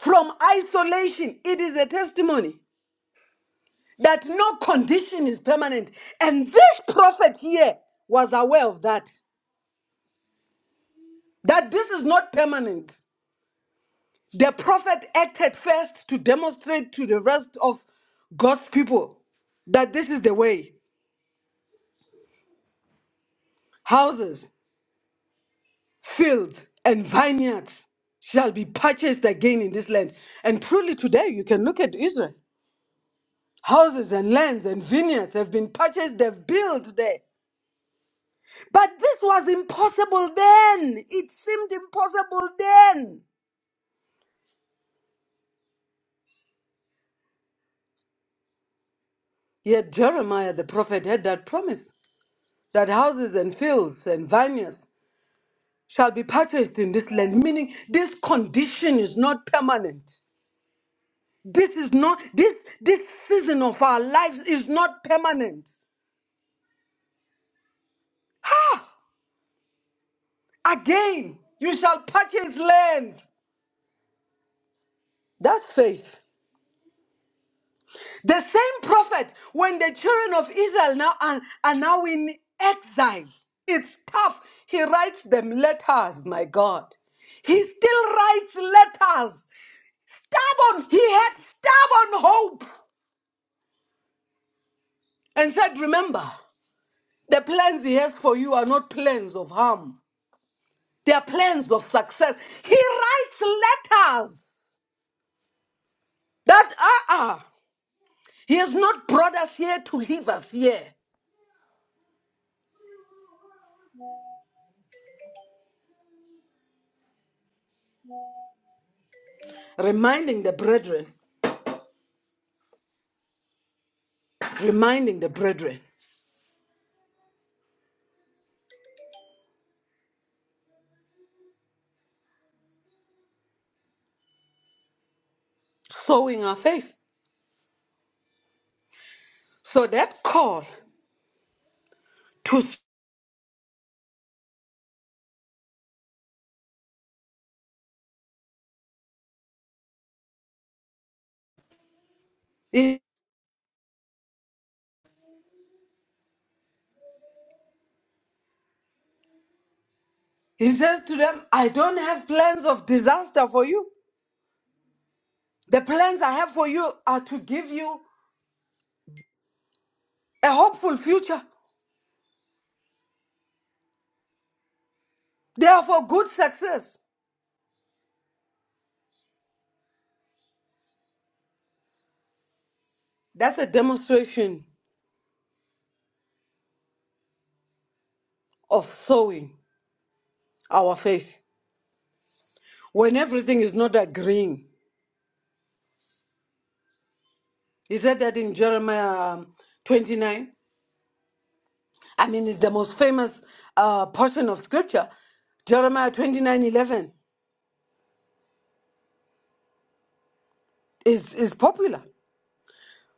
from isolation, it is a testimony that no condition is permanent. And this prophet here was aware of that, that this is not permanent. The prophet acted first to demonstrate to the rest of God's people that this is the way houses, fields, and vineyards shall be purchased again in this land. And truly, today you can look at Israel. Houses and lands and vineyards have been purchased, they've built there. But this was impossible then. It seemed impossible then. Yet Jeremiah the prophet had that promise that houses and fields and vineyards shall be purchased in this land meaning this condition is not permanent this is not this this season of our lives is not permanent again you shall purchase lands that's faith the same prophet when the children of israel now are, are now in exile it's tough he writes them letters my god he still writes letters stubborn he had stubborn hope and said remember The plans he has for you are not plans of harm. They are plans of success. He writes letters that uh-uh. He has not brought us here to leave us here. Reminding the brethren, reminding the brethren, sowing our faith. So that call to he, he says to them, I don't have plans of disaster for you. The plans I have for you are to give you a hopeful future. They are for good success. That's a demonstration of sowing our faith when everything is not agreeing. He said that in Jeremiah um, 29. I mean, it's the most famous uh, portion of scripture. Jeremiah 29:11 is, is popular.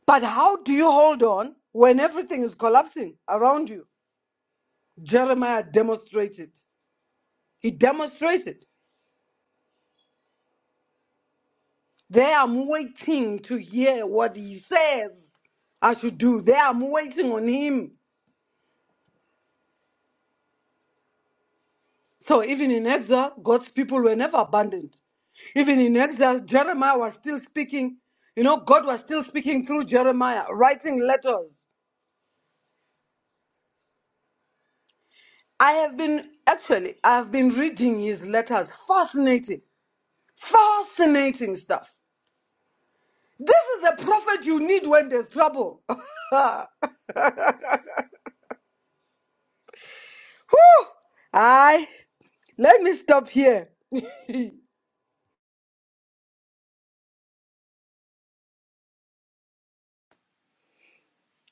But how do you hold on when everything is collapsing around you? Jeremiah demonstrates it. He demonstrates it. They are waiting to hear what he says I should do. They are waiting on him So even in exile, God's people were never abandoned. Even in exile, Jeremiah was still speaking. You know, God was still speaking through Jeremiah, writing letters. I have been, actually, I have been reading his letters. Fascinating. Fascinating stuff. This is the prophet you need when there's trouble. Whew! I, let me stop here.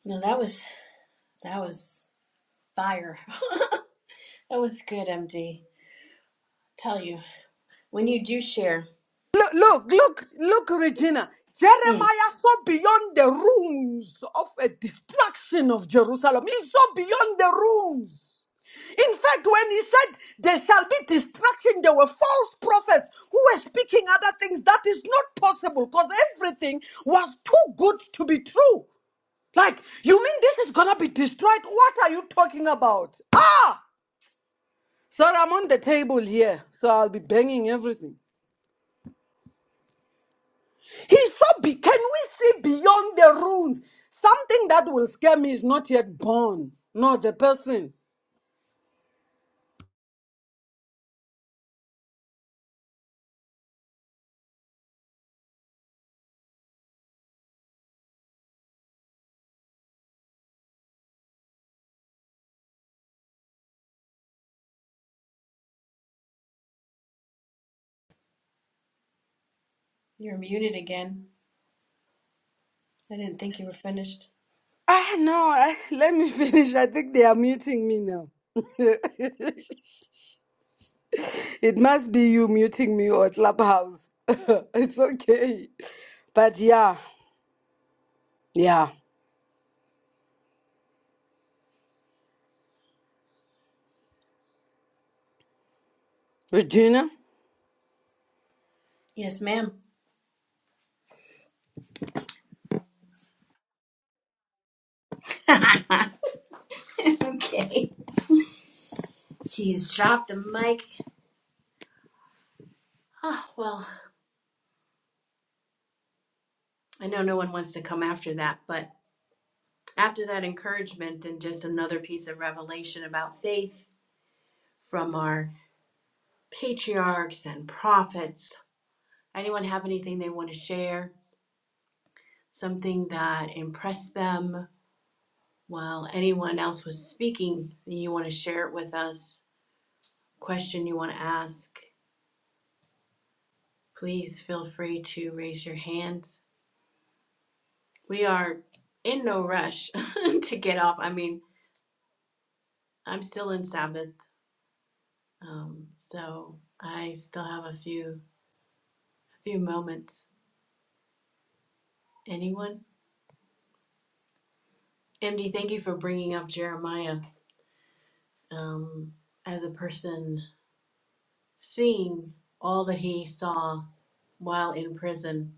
No, that was that was fire. That was good, MD. Tell you, when you do share, Look, look, look, look, Regina. mm, Jeremiah saw beyond the ruins of a destruction of Jerusalem. He saw beyond the ruins. In fact, when he said there shall be destruction, there were false prophets who were speaking other things. That is not possible because everything was too good to be true. Like, you mean this is gonna be destroyed? What are you talking about? Ah! Sorry, I'm on the table here, so I'll be banging everything. He saw. Be- can we see beyond the ruins? Something that will scare me is not yet born. Not the person. you're muted again. I didn't think you were finished. Ah, no. I, let me finish. I think they are muting me now. it must be you muting me or Clubhouse. it's okay. But yeah, yeah. Regina. Yes, ma'am. okay. She's dropped the mic. Oh well, I know no one wants to come after that, but after that encouragement and just another piece of revelation about faith from our patriarchs and prophets, anyone have anything they want to share? Something that impressed them while anyone else was speaking? You want to share it with us? Question you want to ask? Please feel free to raise your hands. We are in no rush to get off. I mean, I'm still in Sabbath, um, so I still have a few a few moments. Anyone? MD, thank you for bringing up Jeremiah um, as a person seeing all that he saw while in prison.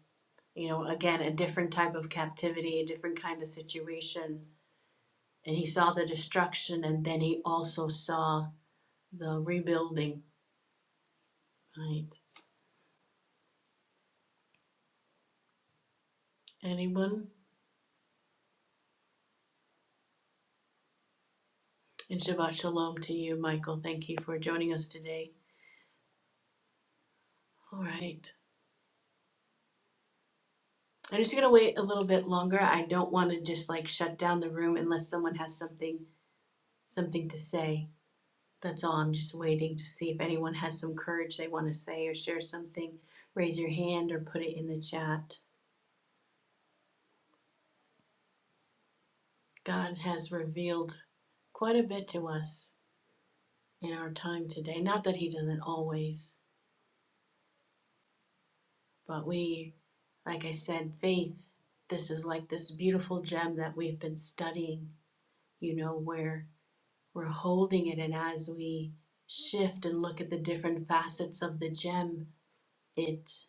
You know, again, a different type of captivity, a different kind of situation. And he saw the destruction, and then he also saw the rebuilding. Right? Anyone? And Shabbat Shalom to you, Michael. Thank you for joining us today. All right. I'm just going to wait a little bit longer. I don't want to just like shut down the room unless someone has something something to say. That's all. I'm just waiting to see if anyone has some courage they want to say or share something. Raise your hand or put it in the chat. God has revealed quite a bit to us in our time today. Not that he doesn't always, but we like I said, faith this is like this beautiful gem that we've been studying you know where we're holding it and as we shift and look at the different facets of the gem it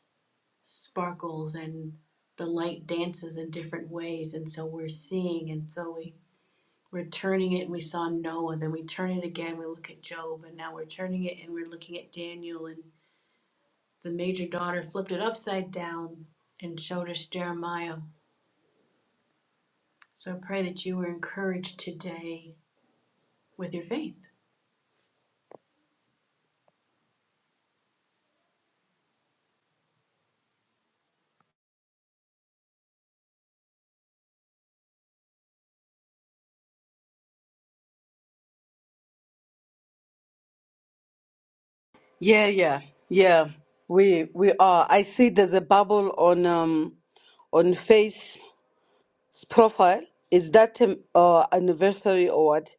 sparkles and the light dances in different ways and so we're seeing and so we we're turning it and we saw noah then we turn it again we look at job and now we're turning it and we're looking at daniel and the major daughter flipped it upside down and showed us jeremiah so i pray that you were encouraged today with your faith Yeah, yeah, yeah. We we are. I see there's a bubble on um on face. profile is that um, uh, anniversary or what?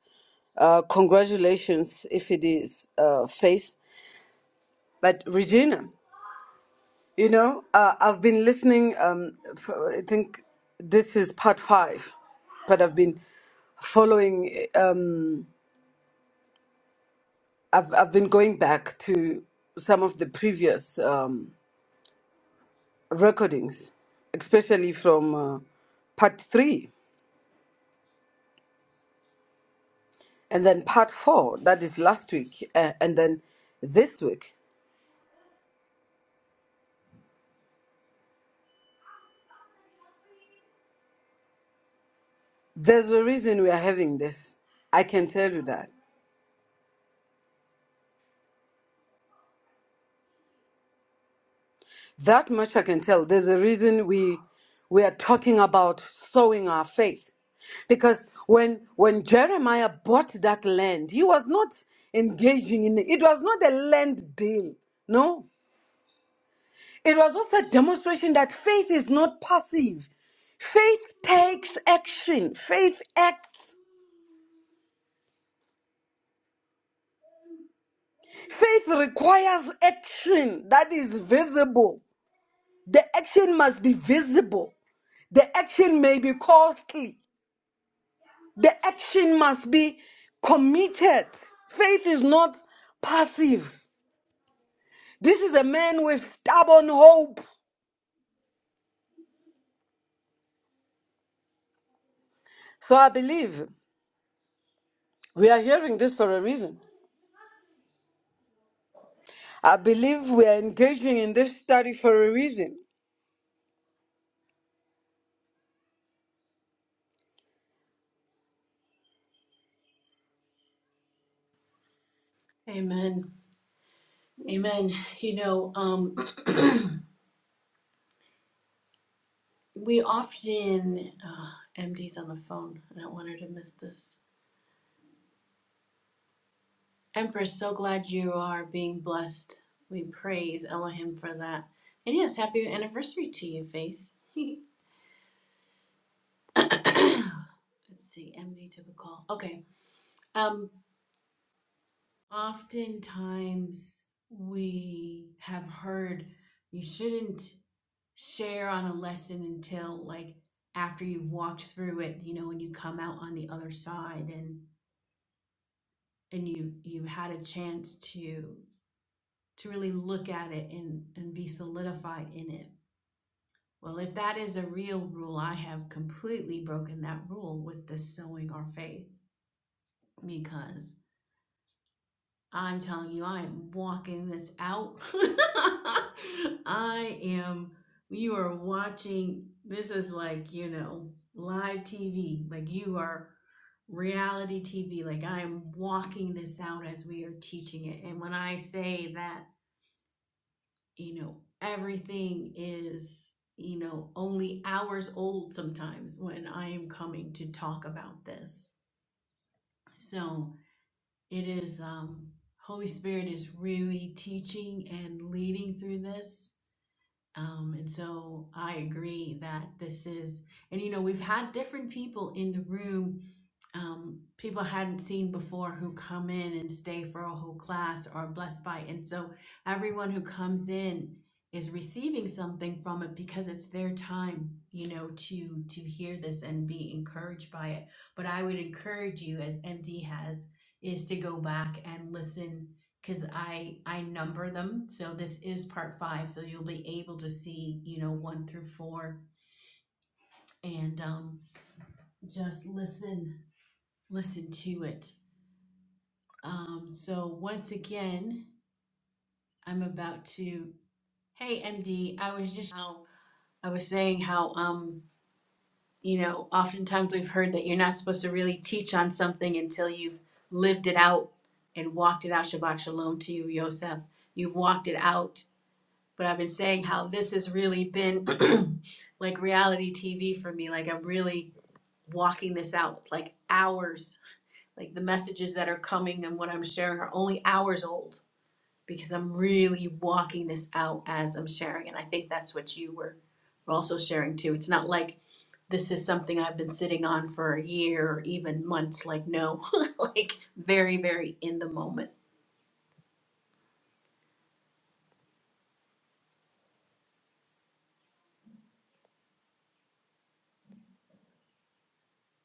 Uh, congratulations if it is uh, face. But Regina, you know, uh, I've been listening. Um, f- I think this is part five, but I've been following. Um, I've I've been going back to some of the previous um, recordings, especially from uh, part three, and then part four. That is last week, uh, and then this week. There's a reason we are having this. I can tell you that. That much I can tell. There's a reason we we are talking about sowing our faith. Because when when Jeremiah bought that land, he was not engaging in it. It was not a land deal. No. It was also a demonstration that faith is not passive. Faith takes action. Faith acts. Faith requires action that is visible. The action must be visible. The action may be costly. The action must be committed. Faith is not passive. This is a man with stubborn hope. So I believe we are hearing this for a reason. I believe we are engaging in this study for a reason. amen Amen. You know, um, we often, uh, MD's on the phone. I don't want her to miss this. Empress, so glad you are being blessed. We praise Elohim for that. And yes, happy anniversary to you, Face. Let's see, MD took a call. Okay. Um, oftentimes we have heard you shouldn't share on a lesson until like after you've walked through it, you know, when you come out on the other side and and you you had a chance to to really look at it and and be solidified in it well if that is a real rule i have completely broken that rule with the sowing our faith because i'm telling you i am walking this out i am you are watching this is like you know live tv like you are reality TV. Like I am walking this out as we are teaching it. And when I say that you know everything is you know only hours old sometimes when i am coming to talk about this so it is um holy spirit is really teaching and leading through this um, and so I agree that this is, and you know, we've had different people in the room, um, people I hadn't seen before who come in and stay for a whole class or are blessed by. it. And so everyone who comes in is receiving something from it because it's their time, you know, to to hear this and be encouraged by it. But I would encourage you, as MD has, is to go back and listen because I I number them. So this is part five. So you'll be able to see, you know, one through four, and um, just listen, listen to it. Um, so once again, I'm about to. Hey, MD, I was just how I was saying how um you know oftentimes we've heard that you're not supposed to really teach on something until you've lived it out and walked it out. Shabbat shalom to you, Yosef. You've walked it out but I've been saying how this has really been like reality TV for me. Like I'm really walking this out, like hours, like the messages that are coming and what I'm sharing are only hours old because I'm really walking this out as I'm sharing. And I think that's what you were, were also sharing too. It's not like this is something I've been sitting on for a year or even months. Like, no, like very, very in the moment.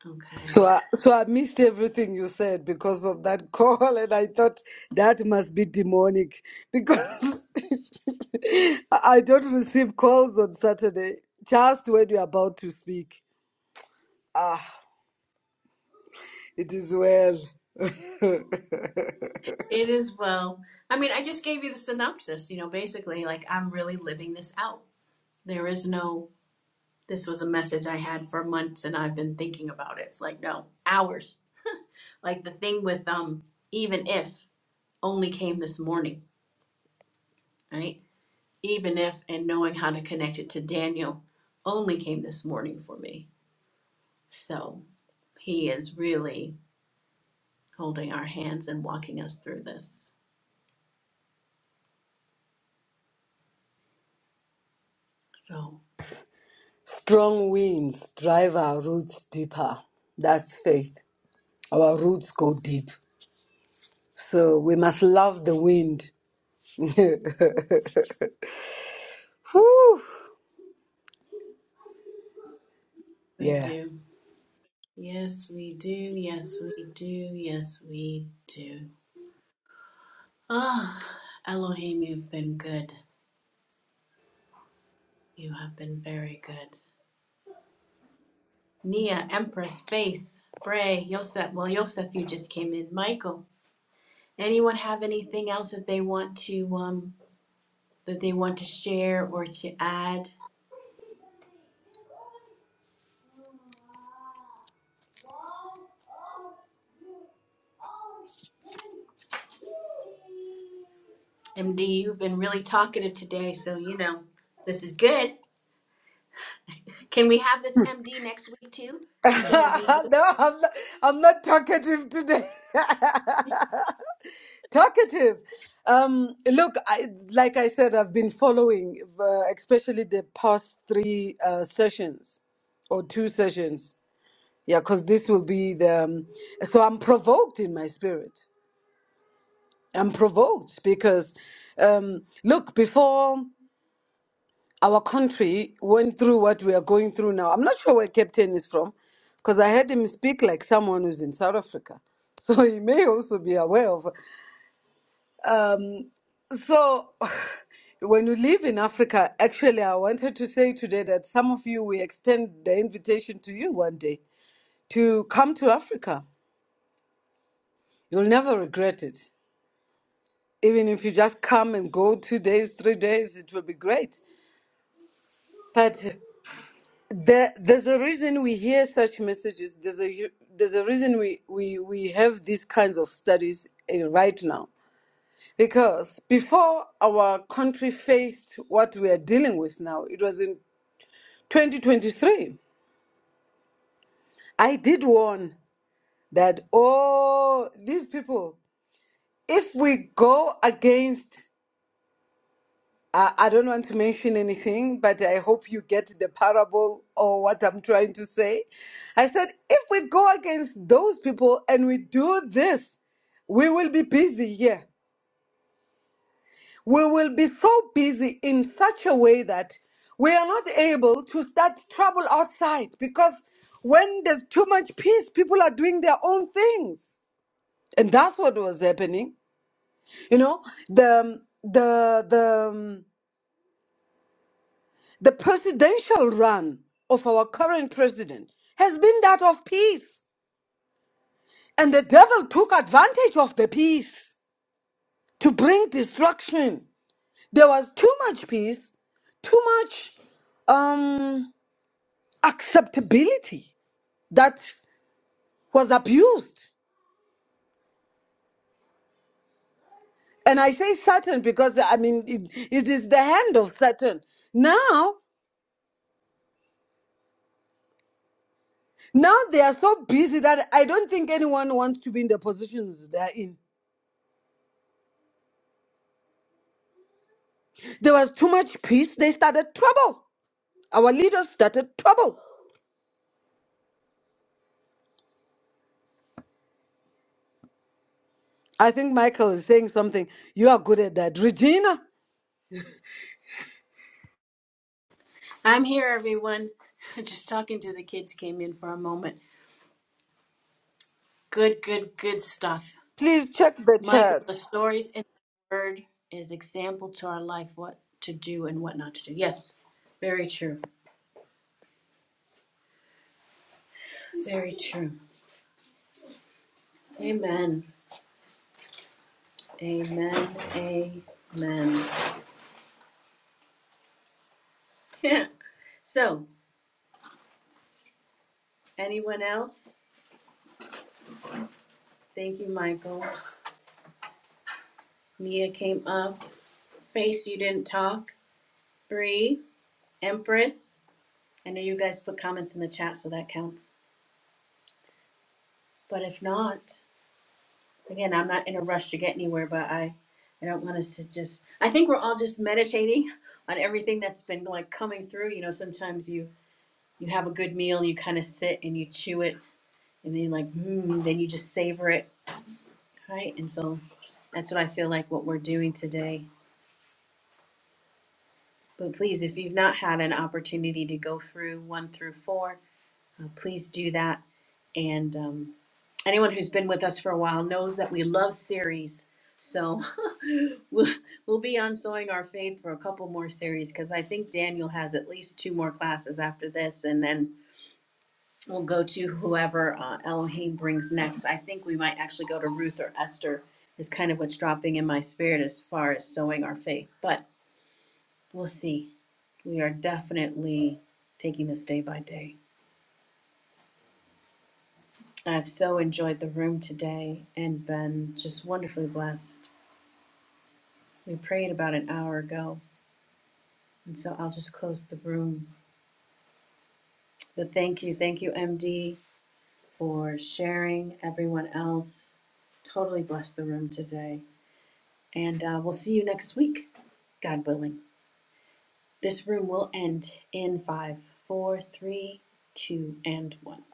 Okay. So I, so I missed everything you said because of that call, and I thought that must be demonic because I I don't receive calls on Saturday. Just when you're about to speak, ah, it is well. It is well. I mean, I just gave you the synopsis, you know, basically, like, I'm really living this out. There is no, this was a message I had for months and I've been thinking about it. It's like, no, hours. Like the thing with, um, even if only came this morning, right? Even if and knowing how to connect it to Daniel only came this morning for me. So he is really holding our hands and walking us through this. So Strong winds drive our roots deeper. That's faith. Our roots go deep. So we must love the wind. Whew. we Yeah. do. Yes, we do. Yes, we do. Yes, we do. Ah, Elohim, you've been good. You have been very good. Nia, Empress, Face, Bray, Yosef. Well, Yosef, you just came in. Michael. Anyone have anything else that they want to um that they want to share or to add? MD, you've been really talkative today, so you know this is good. Can we have this MD next week too? no, Who's gonna be? I'm not, I'm not talkative today. talkative. Um, look, I, like I said, I've been following, uh, especially the past three uh, sessions or two sessions. Yeah, because this will be the. Um, so I'm provoked in my spirit. I'm provoked because, um, look, before. our country went through what we are going through now. I'm not sure where Captain is from, because I heard him speak like someone who's in South Africa. So he may also be aware of. Um, so when you live in Africa, actually, I wanted to say today that some of you, we extend the invitation to you one day to come to Africa. You'll never regret it. Even if you just come and go two days, three days, it will be great. But There, there's a reason we hear such messages. There's a there's a reason we we we have these kinds of studies eh, right now. Because before our country faced what we are dealing with now, it was in 2023. I did warn that oh, these people, if we go against I, I don't want to mention anything, but I hope you get the parable or what I'm trying to say. I said, if we go against those people and we do this, we will be busy here. We will be so busy in such a way that we are not able to start trouble outside because when there's too much peace, people are doing their own things and that's what was happening you know the the the um, The presidential run of our current president has been that of peace. And the devil took advantage of the peace to bring destruction. There was too much peace, too much um, acceptability that was abused. And I say Satan because I mean it, it is the hand of Satan. Now, now they are so busy that I don't think anyone wants to be in the positions they're in. There was too much peace. They started trouble. Our leaders started trouble. I think Michael is saying something. You are good at that. Regina, I'm here, everyone. Just talking to the kids came in for a moment. Good, good, good stuff. please check the Michael, the chat. stories in the word is example to our life, what to do and what not to do. Yes, very true. Very true. Amen. Amen. Amen. Yeah. So, anyone else? Thank you, Michael. Nia came up. Face, you didn't talk. Bree, Empress. I know you guys put comments in the chat, so that counts. But if not, again, I'm not in a rush to get anywhere, but I, I don't want us to just. I think we're all just meditating on everything that's been like coming through. You know, sometimes you you have a good meal and you kind of sit and you chew it, and then you're like, hmm, then you just savor it, right? And so that's what I feel like what we're doing today. But please, if you've not had an opportunity to go through one through four, uh, please do that. And um, anyone who's been with us for a while knows that we love series. So We'll, we'll be on sowing our faith for a couple more series because I think Daniel has at least two more classes after this, and then we'll go to whoever uh, Elohim brings next. I think we might actually go to Ruth or Esther. Is kind of what's dropping in my spirit as far as sowing our faith, but we'll see. We are definitely taking this day by day. I've so enjoyed the room today and been just wonderfully blessed. We prayed about an hour ago, and so I'll just close the room But thank you, thank you, MD, for sharing. Everyone else, totally blessed the room today. And uh, we'll see you next week, God willing. This room will end in five, four, three, two, and one.